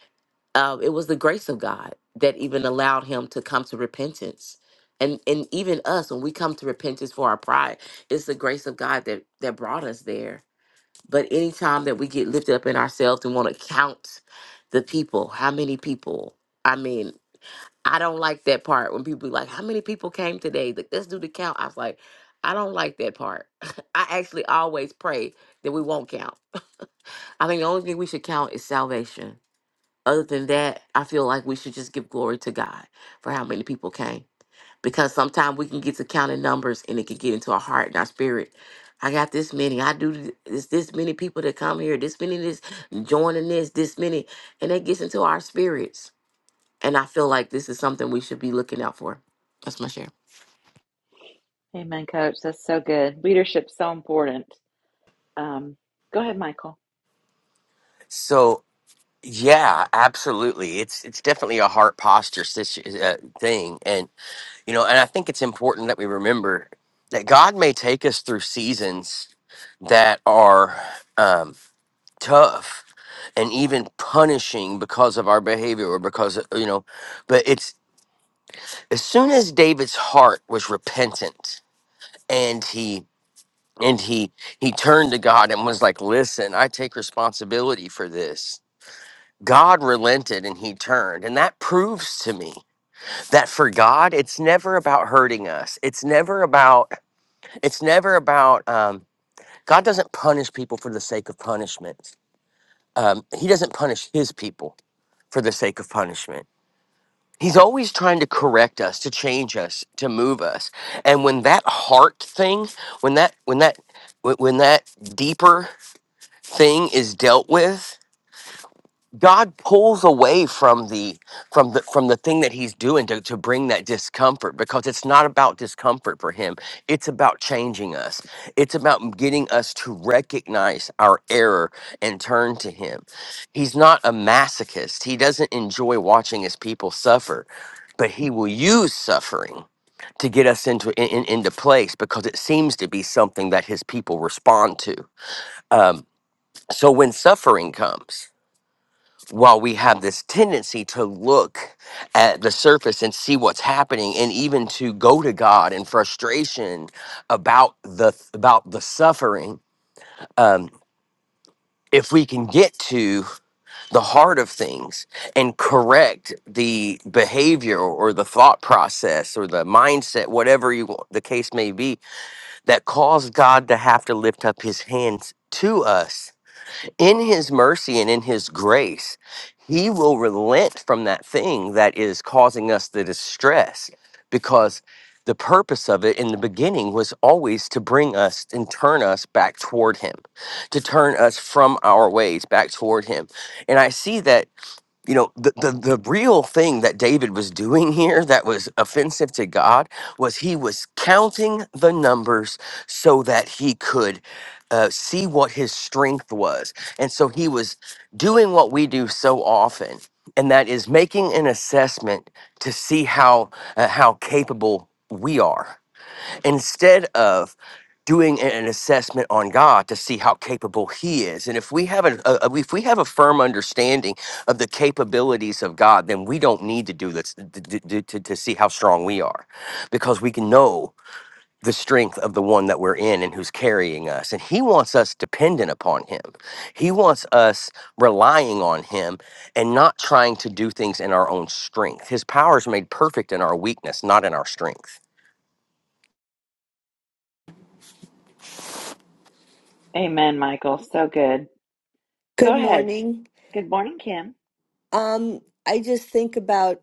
Speaker 3: uh, it was the grace of god that even allowed him to come to repentance and and even us when we come to repentance for our pride it's the grace of god that that brought us there but anytime that we get lifted up in ourselves and want to count the people, how many people? I mean, I don't like that part when people be like, how many people came today? Like, let's do the count. I was like, I don't like that part. I actually always pray that we won't count. I think the only thing we should count is salvation. Other than that, I feel like we should just give glory to God for how many people came because sometimes we can get to counting numbers and it can get into our heart and our spirit. I got this many. I do th- this. This many people that come here. This many. This joining this. This many, and it gets into our spirits. And I feel like this is something we should be looking out for. That's my share.
Speaker 1: Amen, coach. That's so good. Leadership's so important. Um, go ahead, Michael.
Speaker 2: so yeah absolutely it's it's definitely a heart posture situ- uh, thing and You know, and I think it's important that we remember that God may take us through seasons that are um, tough and even punishing because of our behavior or because, you know, but it's as soon as David's heart was repentant and he and he he turned to God and was like, "Listen, I take responsibility for this." God relented and he turned. And that proves to me that for God, it's never about hurting us. It's never about it's never about um, god doesn't punish people for the sake of punishment um, he doesn't punish his people for the sake of punishment he's always trying to correct us to change us to move us and when that heart thing when that when that when when that deeper thing is dealt with God pulls away from the from the from the thing that he's doing to, to bring that discomfort because it's not about discomfort for him. It's about changing us. It's about getting us to recognize our error and turn to him. He's not a masochist. He doesn't enjoy watching his people suffer, but he will use suffering to get us into in, in- into place because it seems to be something that his people respond to. Um, so when suffering comes while we have this tendency to look at the surface and see what's happening and even to go to god in frustration about the about the suffering um, if we can get to the heart of things and correct the behavior or the thought process or the mindset whatever you want, the case may be that caused god to have to lift up his hands to us in his mercy and in his grace, he will relent from that thing that is causing us the distress because the purpose of it in the beginning was always to bring us and turn us back toward him, to turn us from our ways back toward him. And I see that you know the, the the real thing that david was doing here that was offensive to god was he was counting the numbers so that he could uh, see what his strength was and so he was doing what we do so often and that is making an assessment to see how uh, how capable we are instead of doing a- an assessment on God to see how capable He is. And if we have an, a, a- if we have a firm understanding of the capabilities of God, then we don't need to do this to, to, to to see how strong we are, because we can know the strength of the one that we're in and who's carrying us. And He wants us dependent upon Him. He wants us relying on Him and not trying to do things in our own strength. His power is made perfect in our weakness, not in our strength.
Speaker 1: Amen, Michael. So good. Go
Speaker 7: Good
Speaker 1: ahead.
Speaker 7: morning.
Speaker 1: Good morning, Kim.
Speaker 7: Um, I just think about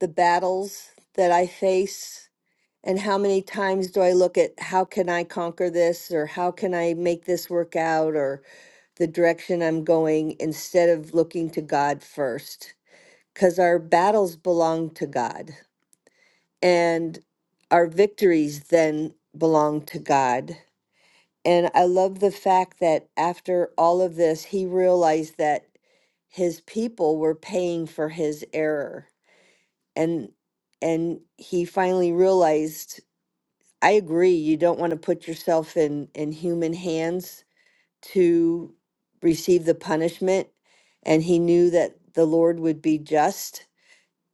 Speaker 7: the battles that I face and how many times do I look at how can I conquer this or how can I make this work out or the direction I'm going instead of looking to God first. Because our battles belong to God and our victories then belong to God. And I love the fact that after all of this, he realized that his people were paying for his error. And and he finally realized, I agree, you don't want to put yourself in in human hands to receive the punishment. And he knew that the Lord would be just.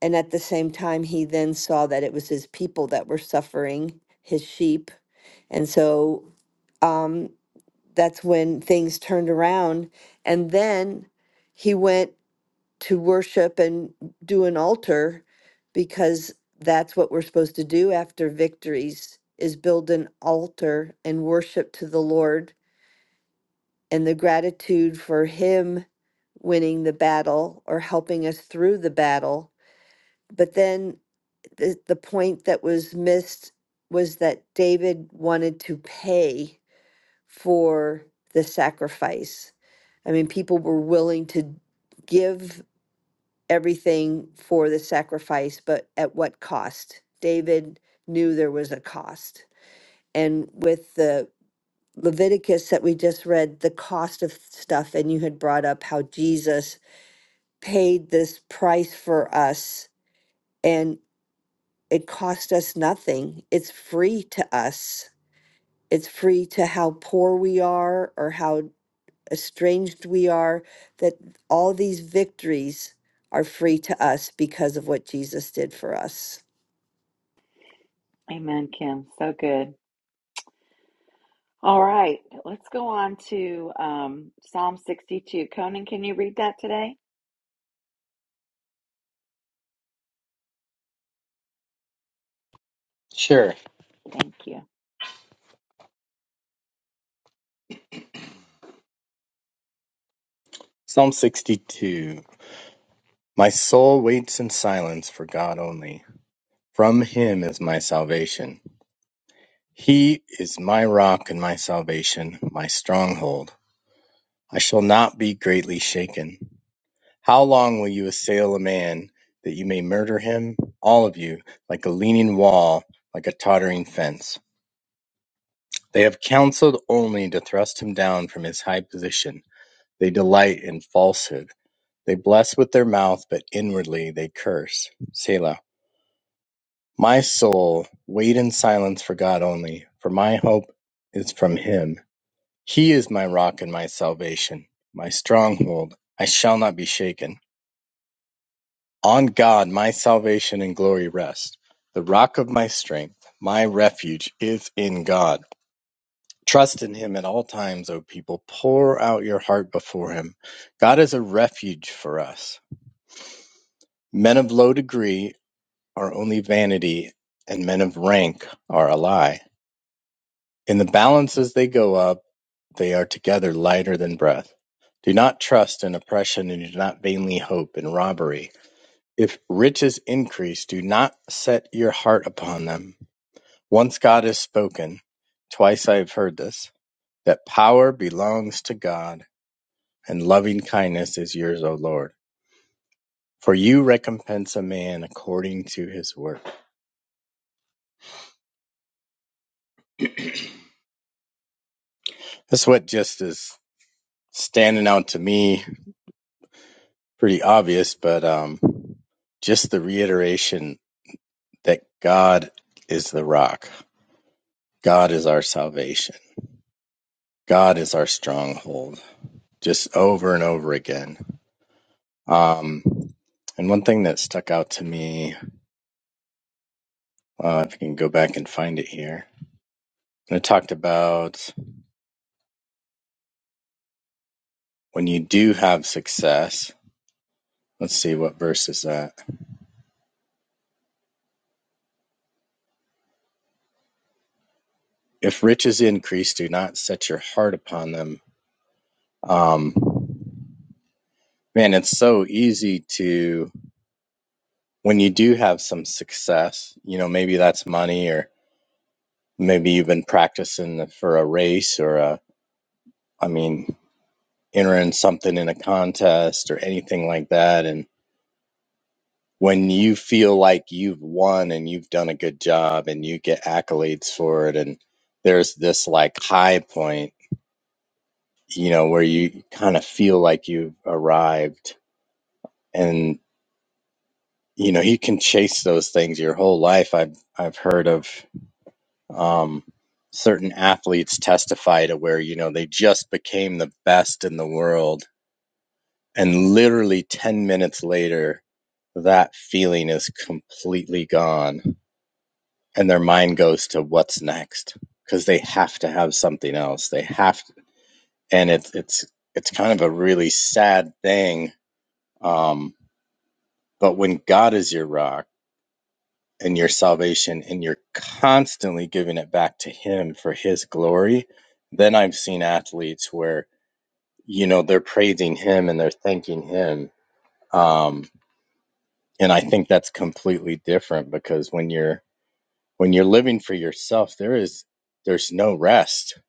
Speaker 7: And at the same time, he then saw that it was his people that were suffering, his sheep. And so um, that's when things turned around. And then he went to worship and do an altar because that's what we're supposed to do after victories is build an altar and worship to the Lord and the gratitude for him winning the battle or helping us through the battle. But then the, the point that was missed was that David wanted to pay for the sacrifice. I mean, people were willing to give everything for the sacrifice, but at what cost? David knew there was a cost. And with the Leviticus that we just read, the cost of stuff, and you had brought up how Jesus paid this price for us, and it cost us nothing. It's free to us. It's free to how poor we are or how estranged we are, that all these victories are free to us because of what Jesus did for us.
Speaker 1: Amen, Kim. So good. All right, let's go on to um, Psalm 62. Conan, can you read that today?
Speaker 8: Sure.
Speaker 1: Thank you.
Speaker 8: Psalm 62. My soul waits in silence for God only. From him is my salvation. He is my rock and my salvation, my stronghold. I shall not be greatly shaken. How long will you assail a man that you may murder him? All of you, like a leaning wall, like a tottering fence. They have counseled only to thrust him down from his high position. They delight in falsehood. They bless with their mouth, but inwardly they curse. Selah. My soul, wait in silence for God only, for my hope is from Him. He is my rock and my salvation, my stronghold. I shall not be shaken. On God my salvation and glory rest. The rock of my strength, my refuge is in God. Trust in Him at all times, O people. Pour out your heart before Him. God is a refuge for us. Men of low degree are only vanity, and men of rank are a lie. In the balance as they go up, they are together lighter than breath. Do not trust in oppression, and do not vainly hope in robbery. If riches increase, do not set your heart upon them. Once God has spoken, twice I have heard this, that power belongs to God, and loving kindness is yours, O Lord. For you recompense a man according to his work. That's what just is standing out to me pretty obvious, but um, just the reiteration that God is the rock, God is our salvation, God is our stronghold, just over and over again. Um, and one thing that stuck out to me, uh, if I can go back and find it here, and it talked about when you do have success. Let's see what verse is that. If riches increase, do not set your heart upon them. Um, man, it's so easy to when you do have some success, you know, maybe that's money or maybe you've been practicing for a race or a, I mean, entering something in a contest or anything like that. And when you feel like you've won and you've done a good job and you get accolades for it, and there's this like high point, you know, where you kind of feel like you've arrived and you know, you can chase those things your whole life. I've I've heard of um, certain athletes testify to where you know they just became the best in the world and literally 10 minutes later that feeling is completely gone and their mind goes to what's next because they have to have something else they have to, and it's it's it's kind of a really sad thing um, but when god is your rock and your salvation and you're constantly giving it back to him for his glory then i've seen athletes where you know they're praising him and they're thanking him um, and i think that's completely different because when you're when you're living for yourself there is there's no rest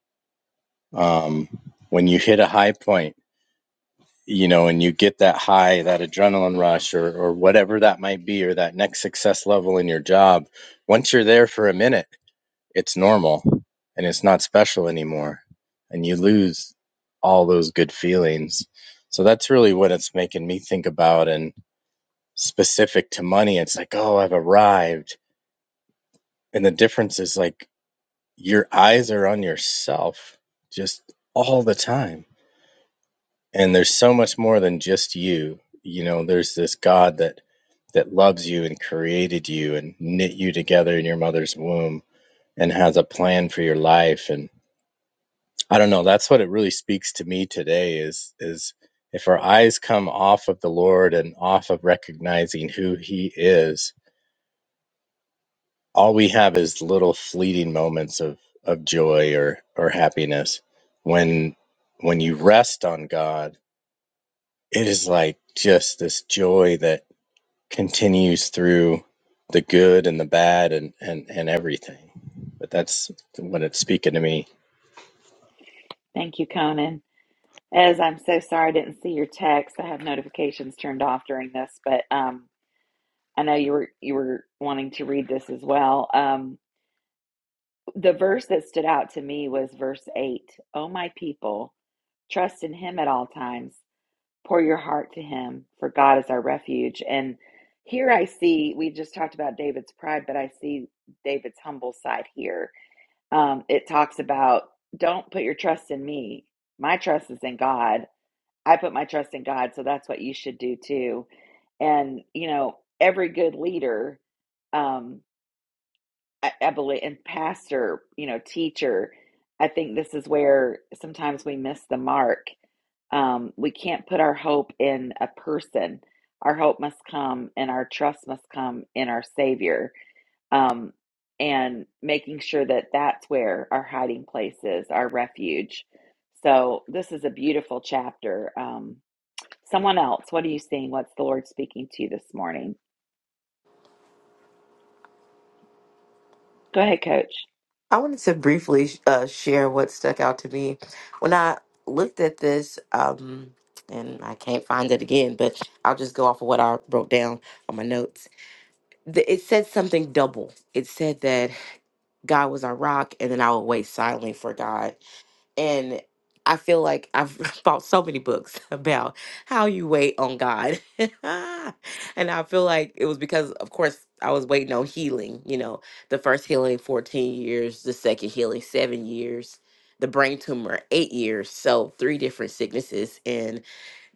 Speaker 8: um, when you hit a high point you know and you get that high that adrenaline rush or or whatever that might be or that next success level in your job once you're there for a minute it's normal and it's not special anymore and you lose all those good feelings so that's really what it's making me think about and specific to money it's like oh i've arrived and the difference is like your eyes are on yourself just all the time and there's so much more than just you you know there's this god that that loves you and created you and knit you together in your mother's womb and has a plan for your life and I don't know. That's what it really speaks to me today is is if our eyes come off of the Lord and off of recognizing who he is, all we have is little fleeting moments of of joy or or happiness. When when you rest on God, it is like just this joy that continues through the good and the bad and and and everything. But that's what it's speaking to me.
Speaker 1: Thank you, Conan. As I'm so sorry I didn't see your text. I have notifications turned off during this, but um, I know you were you were wanting to read this as well. Um, the verse that stood out to me was verse 8. Oh my people, trust in him at all times. Pour your heart to Him, for God is our refuge. And here I see, we just talked about David's pride, but I see David's humble side here. Um, it talks about don't put your trust in me. My trust is in God. I put my trust in God, so that's what you should do too. And, you know, every good leader. um, I, I believe, and pastor, you know, teacher, I think this is where sometimes we miss the mark. Um, we can't put our hope in a person. Our hope must come and our trust must come in our Savior. Um, and making sure that that's where our hiding place is, our refuge. So this is a beautiful chapter. Um, someone else, what are you seeing? What's the Lord speaking to you this morning? Go ahead, Coach.
Speaker 3: I wanted to briefly uh, share what stuck out to me when I looked at this, um, and I can't find it again, but I'll just go off of what I wrote down on my notes. The- It said something double. It said that God was our rock, and then I would wait silently for God. And I feel like I've bought so many books about how you wait on God. and I feel like it was because, of course, I was waiting on healing. You know, the first healing, 14 years, the second healing, seven years, the brain tumor, eight years. So, three different sicknesses. And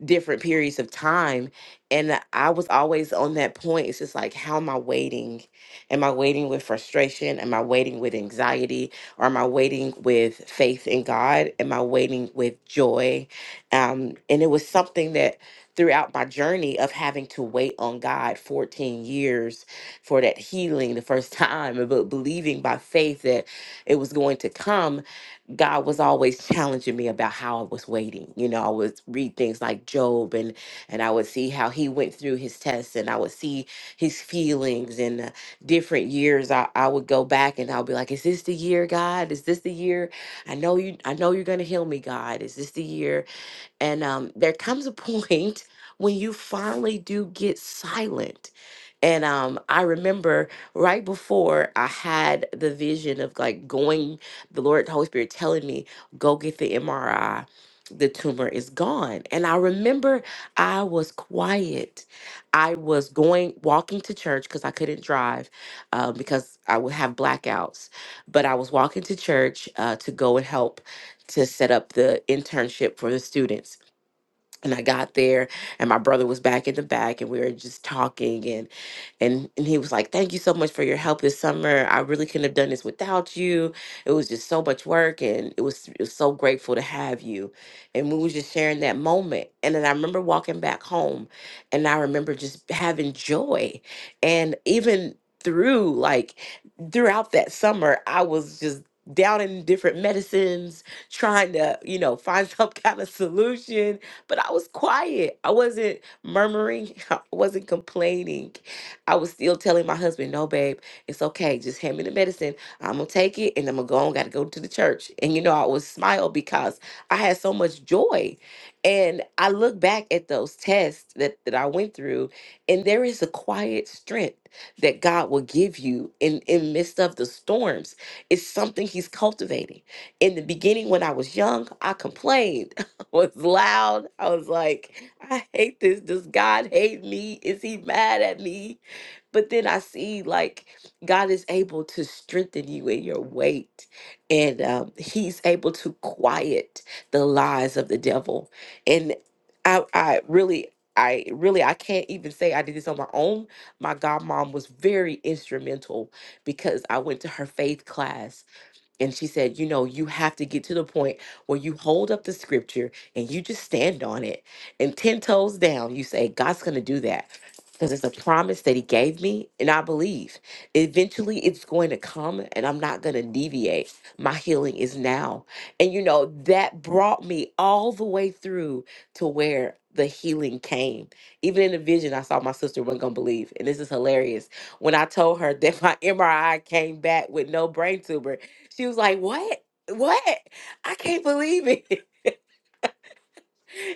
Speaker 3: different periods of time. And I was always on that point. It's just like, how am I waiting? Am I waiting with frustration? Am I waiting with anxiety? Or am I waiting with faith in God? Am I waiting with joy? Um, and it was something that throughout my journey of having to wait on God 14 years for that healing the first time, but believing by faith that it was going to come God was always challenging me about how I was waiting. You know, I would read things like Job and and I would see how he went through his tests and I would see his feelings and uh, different years I, I would go back and I'll be like, is this the year, God? Is this the year? I know you I know you're gonna heal me, God. Is this the year? And um, there comes a point when you finally do get silent. And um, I remember right before I had the vision of like going, the Lord, the Holy Spirit telling me, go get the MRI. The tumor is gone. And I remember I was quiet. I was going, walking to church because I couldn't drive uh, because I would have blackouts. But I was walking to church uh, to go and help to set up the internship for the students and I got there and my brother was back in the back and we were just talking and and and he was like, "Thank you so much for your help this summer. I really couldn't have done this without you. It was just so much work and it was, it was so grateful to have you." And we was just sharing that moment. And then I remember walking back home and I remember just having joy and even through like throughout that summer, I was just down in different medicines, trying to, you know, find some kind of solution but I was quiet. I wasn't murmuring. I wasn't complaining. I was still telling my husband, no, babe, it's okay. Just hand me the medicine. I'm going to take it and I'm going to go on. Got to go to the church. And, you know, I would smile because I had so much joy. And I look back at those tests that, that I went through, and there is a quiet strength that God will give you in, in midst of the storms. It's something He's cultivating. In the beginning, when I was young, I complained. was loud. I was like, I hate this. Does God hate me? Is he mad at me? But then I see like God is able to strengthen you in your weight, and um, He's able to quiet the lies of the devil. And I, I really, I really, I can't even say I did this on my own. My godmom was very instrumental because I went to her faith class and she said, You know, you have to get to the point where you hold up the scripture and you just stand on it. And 10 toes down, you say, God's going to do that because it's a promise that He gave me. And I believe eventually it's going to come and I'm not going to deviate. My healing is now. And, you know, that brought me all the way through to where the healing came. Even in the vision, I saw my sister wasn't going to believe. And this is hilarious. When I told her that my MRI came back with no brain tumor, she was like, "What? What? I can't believe it."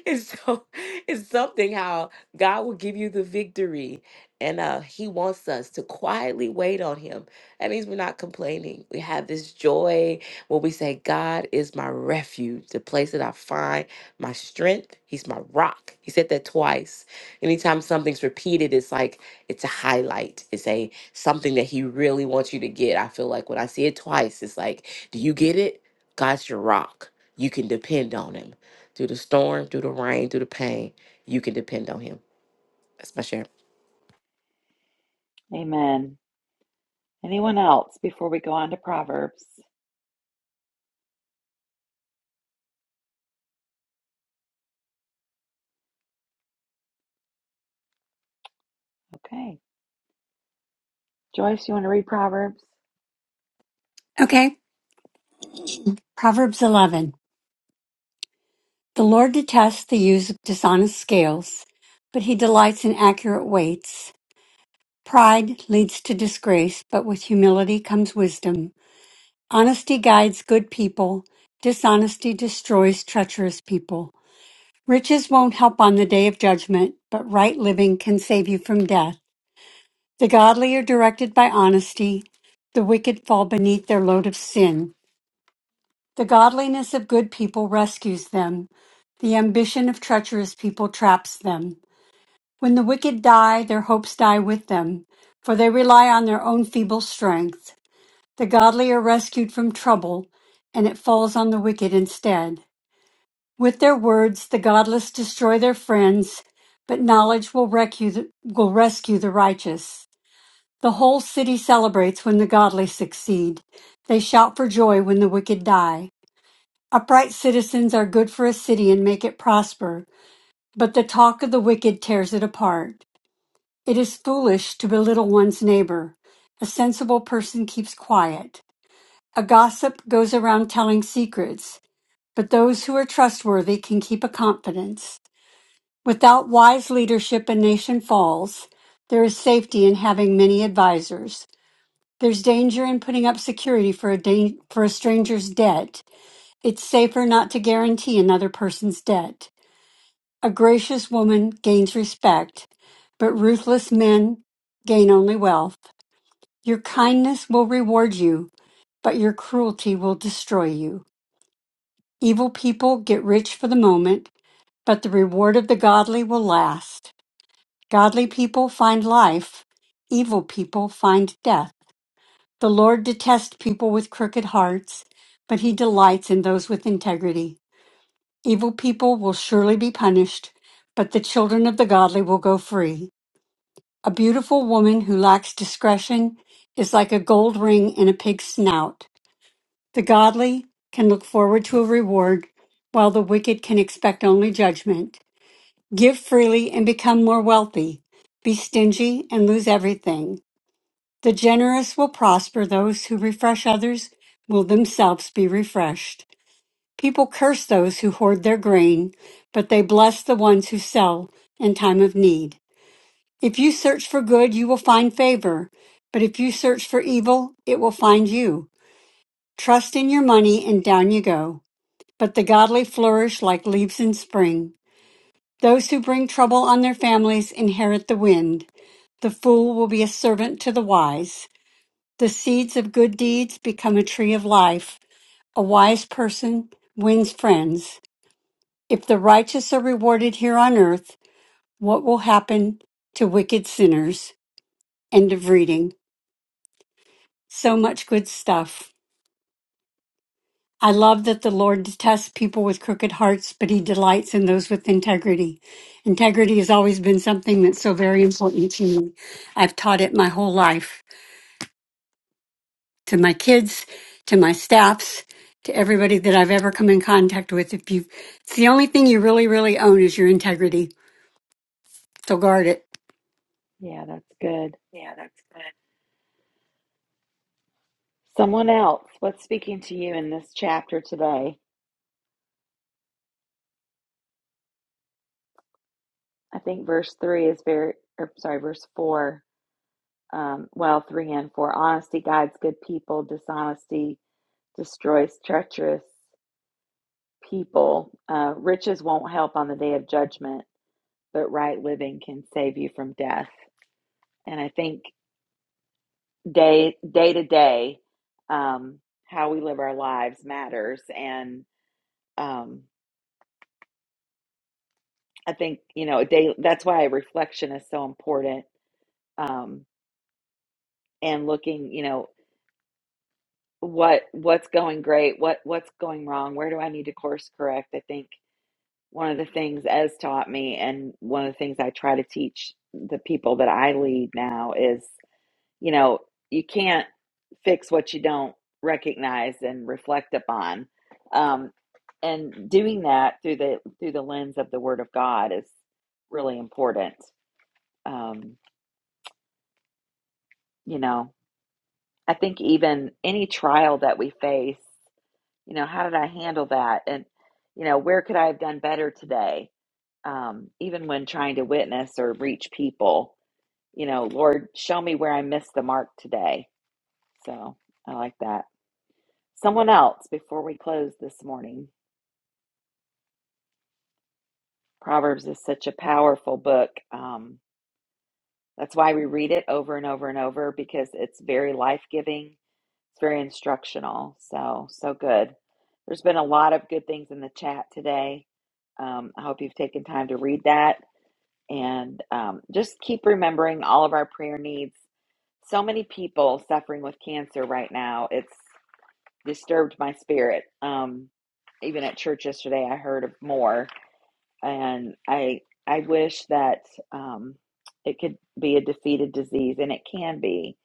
Speaker 3: And so it's something how God will give you the victory, and uh, He wants us to quietly wait on Him. That means we're not complaining. We have this joy where we say, "God is my refuge, the place that I find my strength. He's my rock." He said that twice. Anytime something's repeated, it's like it's a highlight something that he really wants you to get. I feel like when I see it twice, it's like, do you get it? God's your rock. You can depend on him. Through the storm, through the rain, through the pain, you can depend on him. That's my share.
Speaker 1: Amen. Anyone else before we go on to Proverbs? Okay. Joyce, you want to read Proverbs?
Speaker 9: Okay. Proverbs 11. The Lord detests the use of dishonest scales, but he delights in accurate weights. Pride leads to disgrace, but with humility comes wisdom. Honesty guides good people. Dishonesty destroys treacherous people. Riches won't help on the day of judgment, but right living can save you from death. The godly are directed by honesty. The wicked fall beneath their load of sin. The godliness of good people rescues them. The ambition of treacherous people traps them. When the wicked die, their hopes die with them, for they rely on their own feeble strength. The godly are rescued from trouble, and it falls on the wicked instead. With their words, the godless destroy their friends, but knowledge will rescue the, will rescue the righteous. The whole city celebrates when the godly succeed. They shout for joy when the wicked die. Upright citizens are good for a city and make it prosper, but the talk of the wicked tears it apart. It is foolish to belittle one's neighbor. A sensible person keeps quiet. A gossip goes around telling secrets, but those who are trustworthy can keep a confidence. Without wise leadership, a nation falls. There is safety in having many advisers. There's danger in putting up security for a, dan- for a stranger's debt. It's safer not to guarantee another person's debt. A gracious woman gains respect, but ruthless men gain only wealth. Your kindness will reward you, but your cruelty will destroy you. Evil people get rich for the moment, but the reward of the godly will last. Godly people find life, evil people find death. The Lord detests people with crooked hearts, but he delights in those with integrity. Evil people will surely be punished, but the children of the godly will go free. A beautiful woman who lacks discretion is like a gold ring in a pig's snout. The godly can look forward to a reward, while the wicked can expect only judgment. Give freely and become more wealthy. Be stingy and lose everything. The generous will prosper. Those who refresh others will themselves be refreshed. People curse those who hoard their grain, but they bless the ones who sell in time of need. If you search for good, you will find favor. But if you search for evil, it will find you. Trust in your money and down you go. But the godly flourish like leaves in spring. Those who bring trouble on their families inherit the wind. The fool will be a servant to the wise. The seeds of good deeds become a tree of life. A wise person wins friends. If the righteous are rewarded here on earth, what will happen to wicked sinners? End of reading. So much good stuff. I love that the Lord detests people with crooked hearts, but he delights in those with integrity. Integrity has always been something that's so very important to me. I've taught it my whole life to my kids, to my staffs, to everybody that I've ever come in contact with. If you, it's the only thing you really, really own is your integrity. So guard it.
Speaker 1: Yeah, that's good. Someone else, what's speaking to you in this chapter today? I think verse 3 is very, or sorry, verse 4, um, well, 3 and 4. Honesty guides good people, dishonesty destroys treacherous people. Uh, riches won't help on the day of judgment, but right living can save you from death. And I think day day to day um how we live our lives matters and um i think you know a day that's why reflection is so important um and looking you know what what's going great what what's going wrong where do i need to course correct i think one of the things Ez taught me and one of the things i try to teach the people that i lead now is. you know, you can't fix what you don't recognize and reflect upon. Um, and doing that through the through the lens of the Word of God is really important. Um, you know, I think even any trial that we face, you know, how did I handle that? And you know, where could I have done better today? Um, even when trying to witness or reach people, you know, Lord, show me where I missed the mark today. So I like that. Someone else before we close this morning. Proverbs is such a powerful book. Um, that's why we read it over and over and over because it's very life giving, it's very instructional. So, so good. There's been a lot of good things in the chat today. Um, I hope you've taken time to read that and um, just keep remembering all of our prayer needs. So many people suffering with cancer right now. It's disturbed my spirit. Um, even at church yesterday, I heard of more. and I I wish that um, it could be a defeated disease, and it can be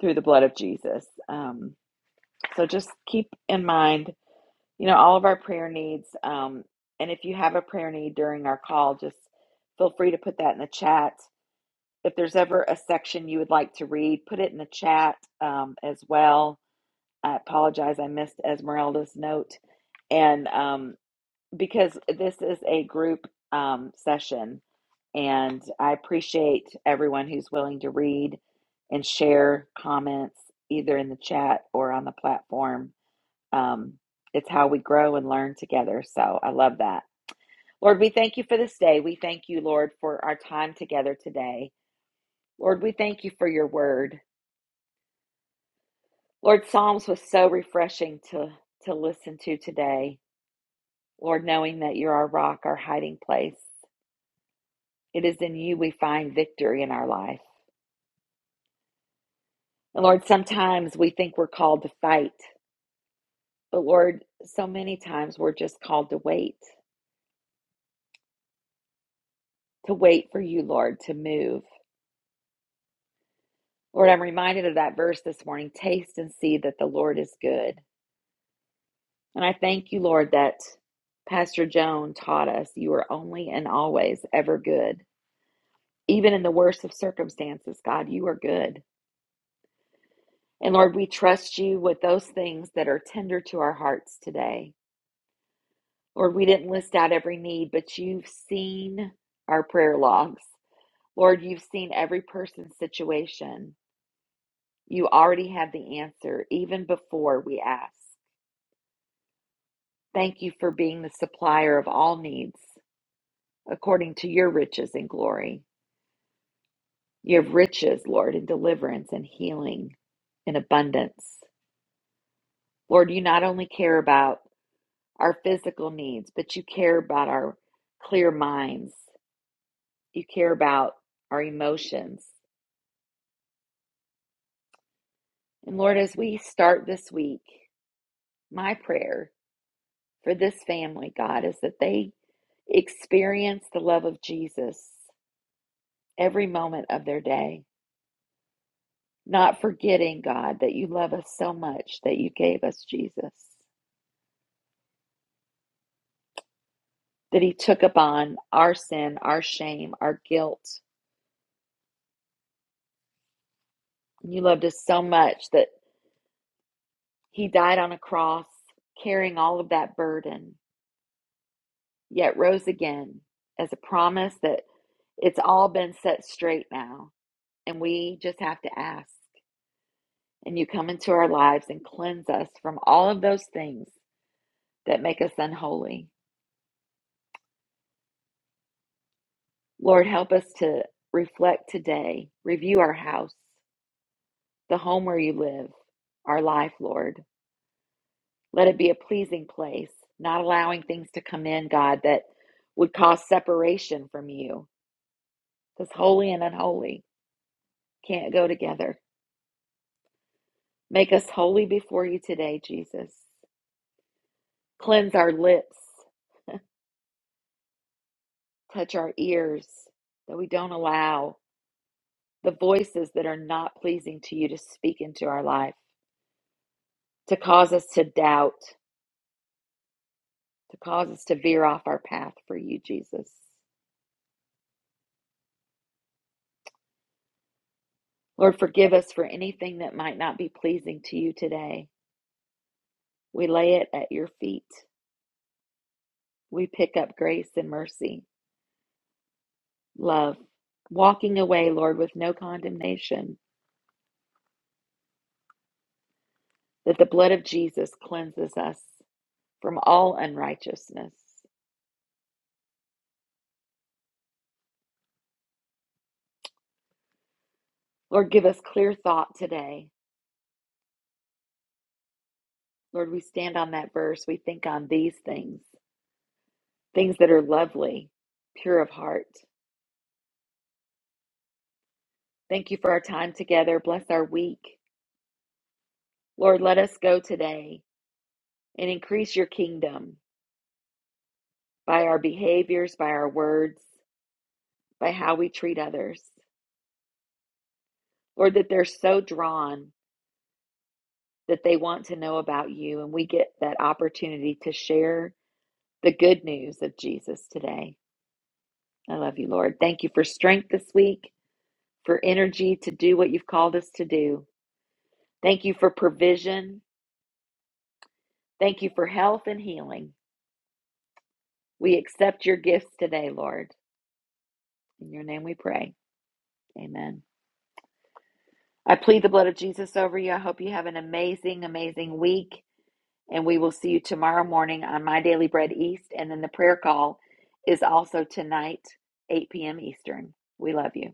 Speaker 1: through the blood of Jesus. Um, so just keep in mind, you know, all of our prayer needs, um, and if you have a prayer need during our call, just feel free to put that in the chat. If there's ever a section you would like to read, put it in the chat um, as well. I apologize, I missed Esmeralda's note, and um, because this is a group um, session, and I appreciate everyone who's willing to read and share comments either in the chat or on the platform. Um, it's how we grow and learn together. So I love that. Lord, we thank you for this day. We thank you, Lord, for our time together today. Lord, we thank you for your word. Lord, Psalms was so refreshing to, to listen to today. Lord, knowing that you're our rock, our hiding place. It is in you we find victory in our life. And Lord, sometimes we think we're called to fight, but Lord, so many times we're just called to wait, to wait for you, Lord, to move. Lord, I'm reminded of that verse this morning taste and see that the Lord is good. And I thank you, Lord, that Pastor Joan taught us you are only and always ever good. Even in the worst of circumstances, God, you are good. And Lord, we trust you with those things that are tender to our hearts today. Lord, we didn't list out every need, but you've seen our prayer logs. Lord, you've seen every person's situation. You already have the answer even before we ask. Thank you for being the supplier of all needs according to your riches and glory. You have riches, Lord, in deliverance and healing and abundance. Lord, you not only care about our physical needs, but you care about our clear minds. You care about our emotions. And Lord, as we start this week, my prayer for this family, God, is that they experience the love of Jesus every moment of their day, not forgetting, God, that you love us so much that you gave us Jesus, that he took upon our sin, our shame, our guilt. And you loved us so much that he died on a cross, carrying all of that burden, yet rose again as a promise that it's all been set straight now And we just have to ask. And you come into our lives and cleanse us from all of those things that make us unholy. Lord, help us to reflect today, review our house, the home where you live, our life, Lord. Let it be a pleasing place, not allowing things to come in, God, that would cause separation from you, because holy and unholy can't go together. Make us holy before you today, Jesus. Cleanse our lips Touch our ears that we don't allow the voices that are not pleasing to you to speak into our life, to cause us to doubt, to cause us to veer off our path for you, Jesus. Lord, forgive us for anything that might not be pleasing to you today. We lay it at your feet. We pick up grace and mercy, love, walking away, Lord, with no condemnation, that the blood of Jesus cleanses us from all unrighteousness. Lord, give us clear thought today Lord, we stand on that verse. We think on these things, things that are lovely, pure of heart. Thank you for our time together. Bless our week. Lord, let us go today and increase your kingdom by our behaviors, by our words, by how we treat others. Lord, that they're so drawn that they want to know about you, and we get that opportunity to share the good news of Jesus today. I love you, Lord. Thank you for strength this week, for energy to do what you've called us to do. Thank you for provision. Thank you for health and healing. We accept your gifts today, Lord. In your name we pray. Amen. I plead the blood of Jesus over you. I hope you have an amazing, amazing week. And we will see you tomorrow morning on My Daily Bread East. And then the prayer call is also tonight, 8 p.m. Eastern. We love you.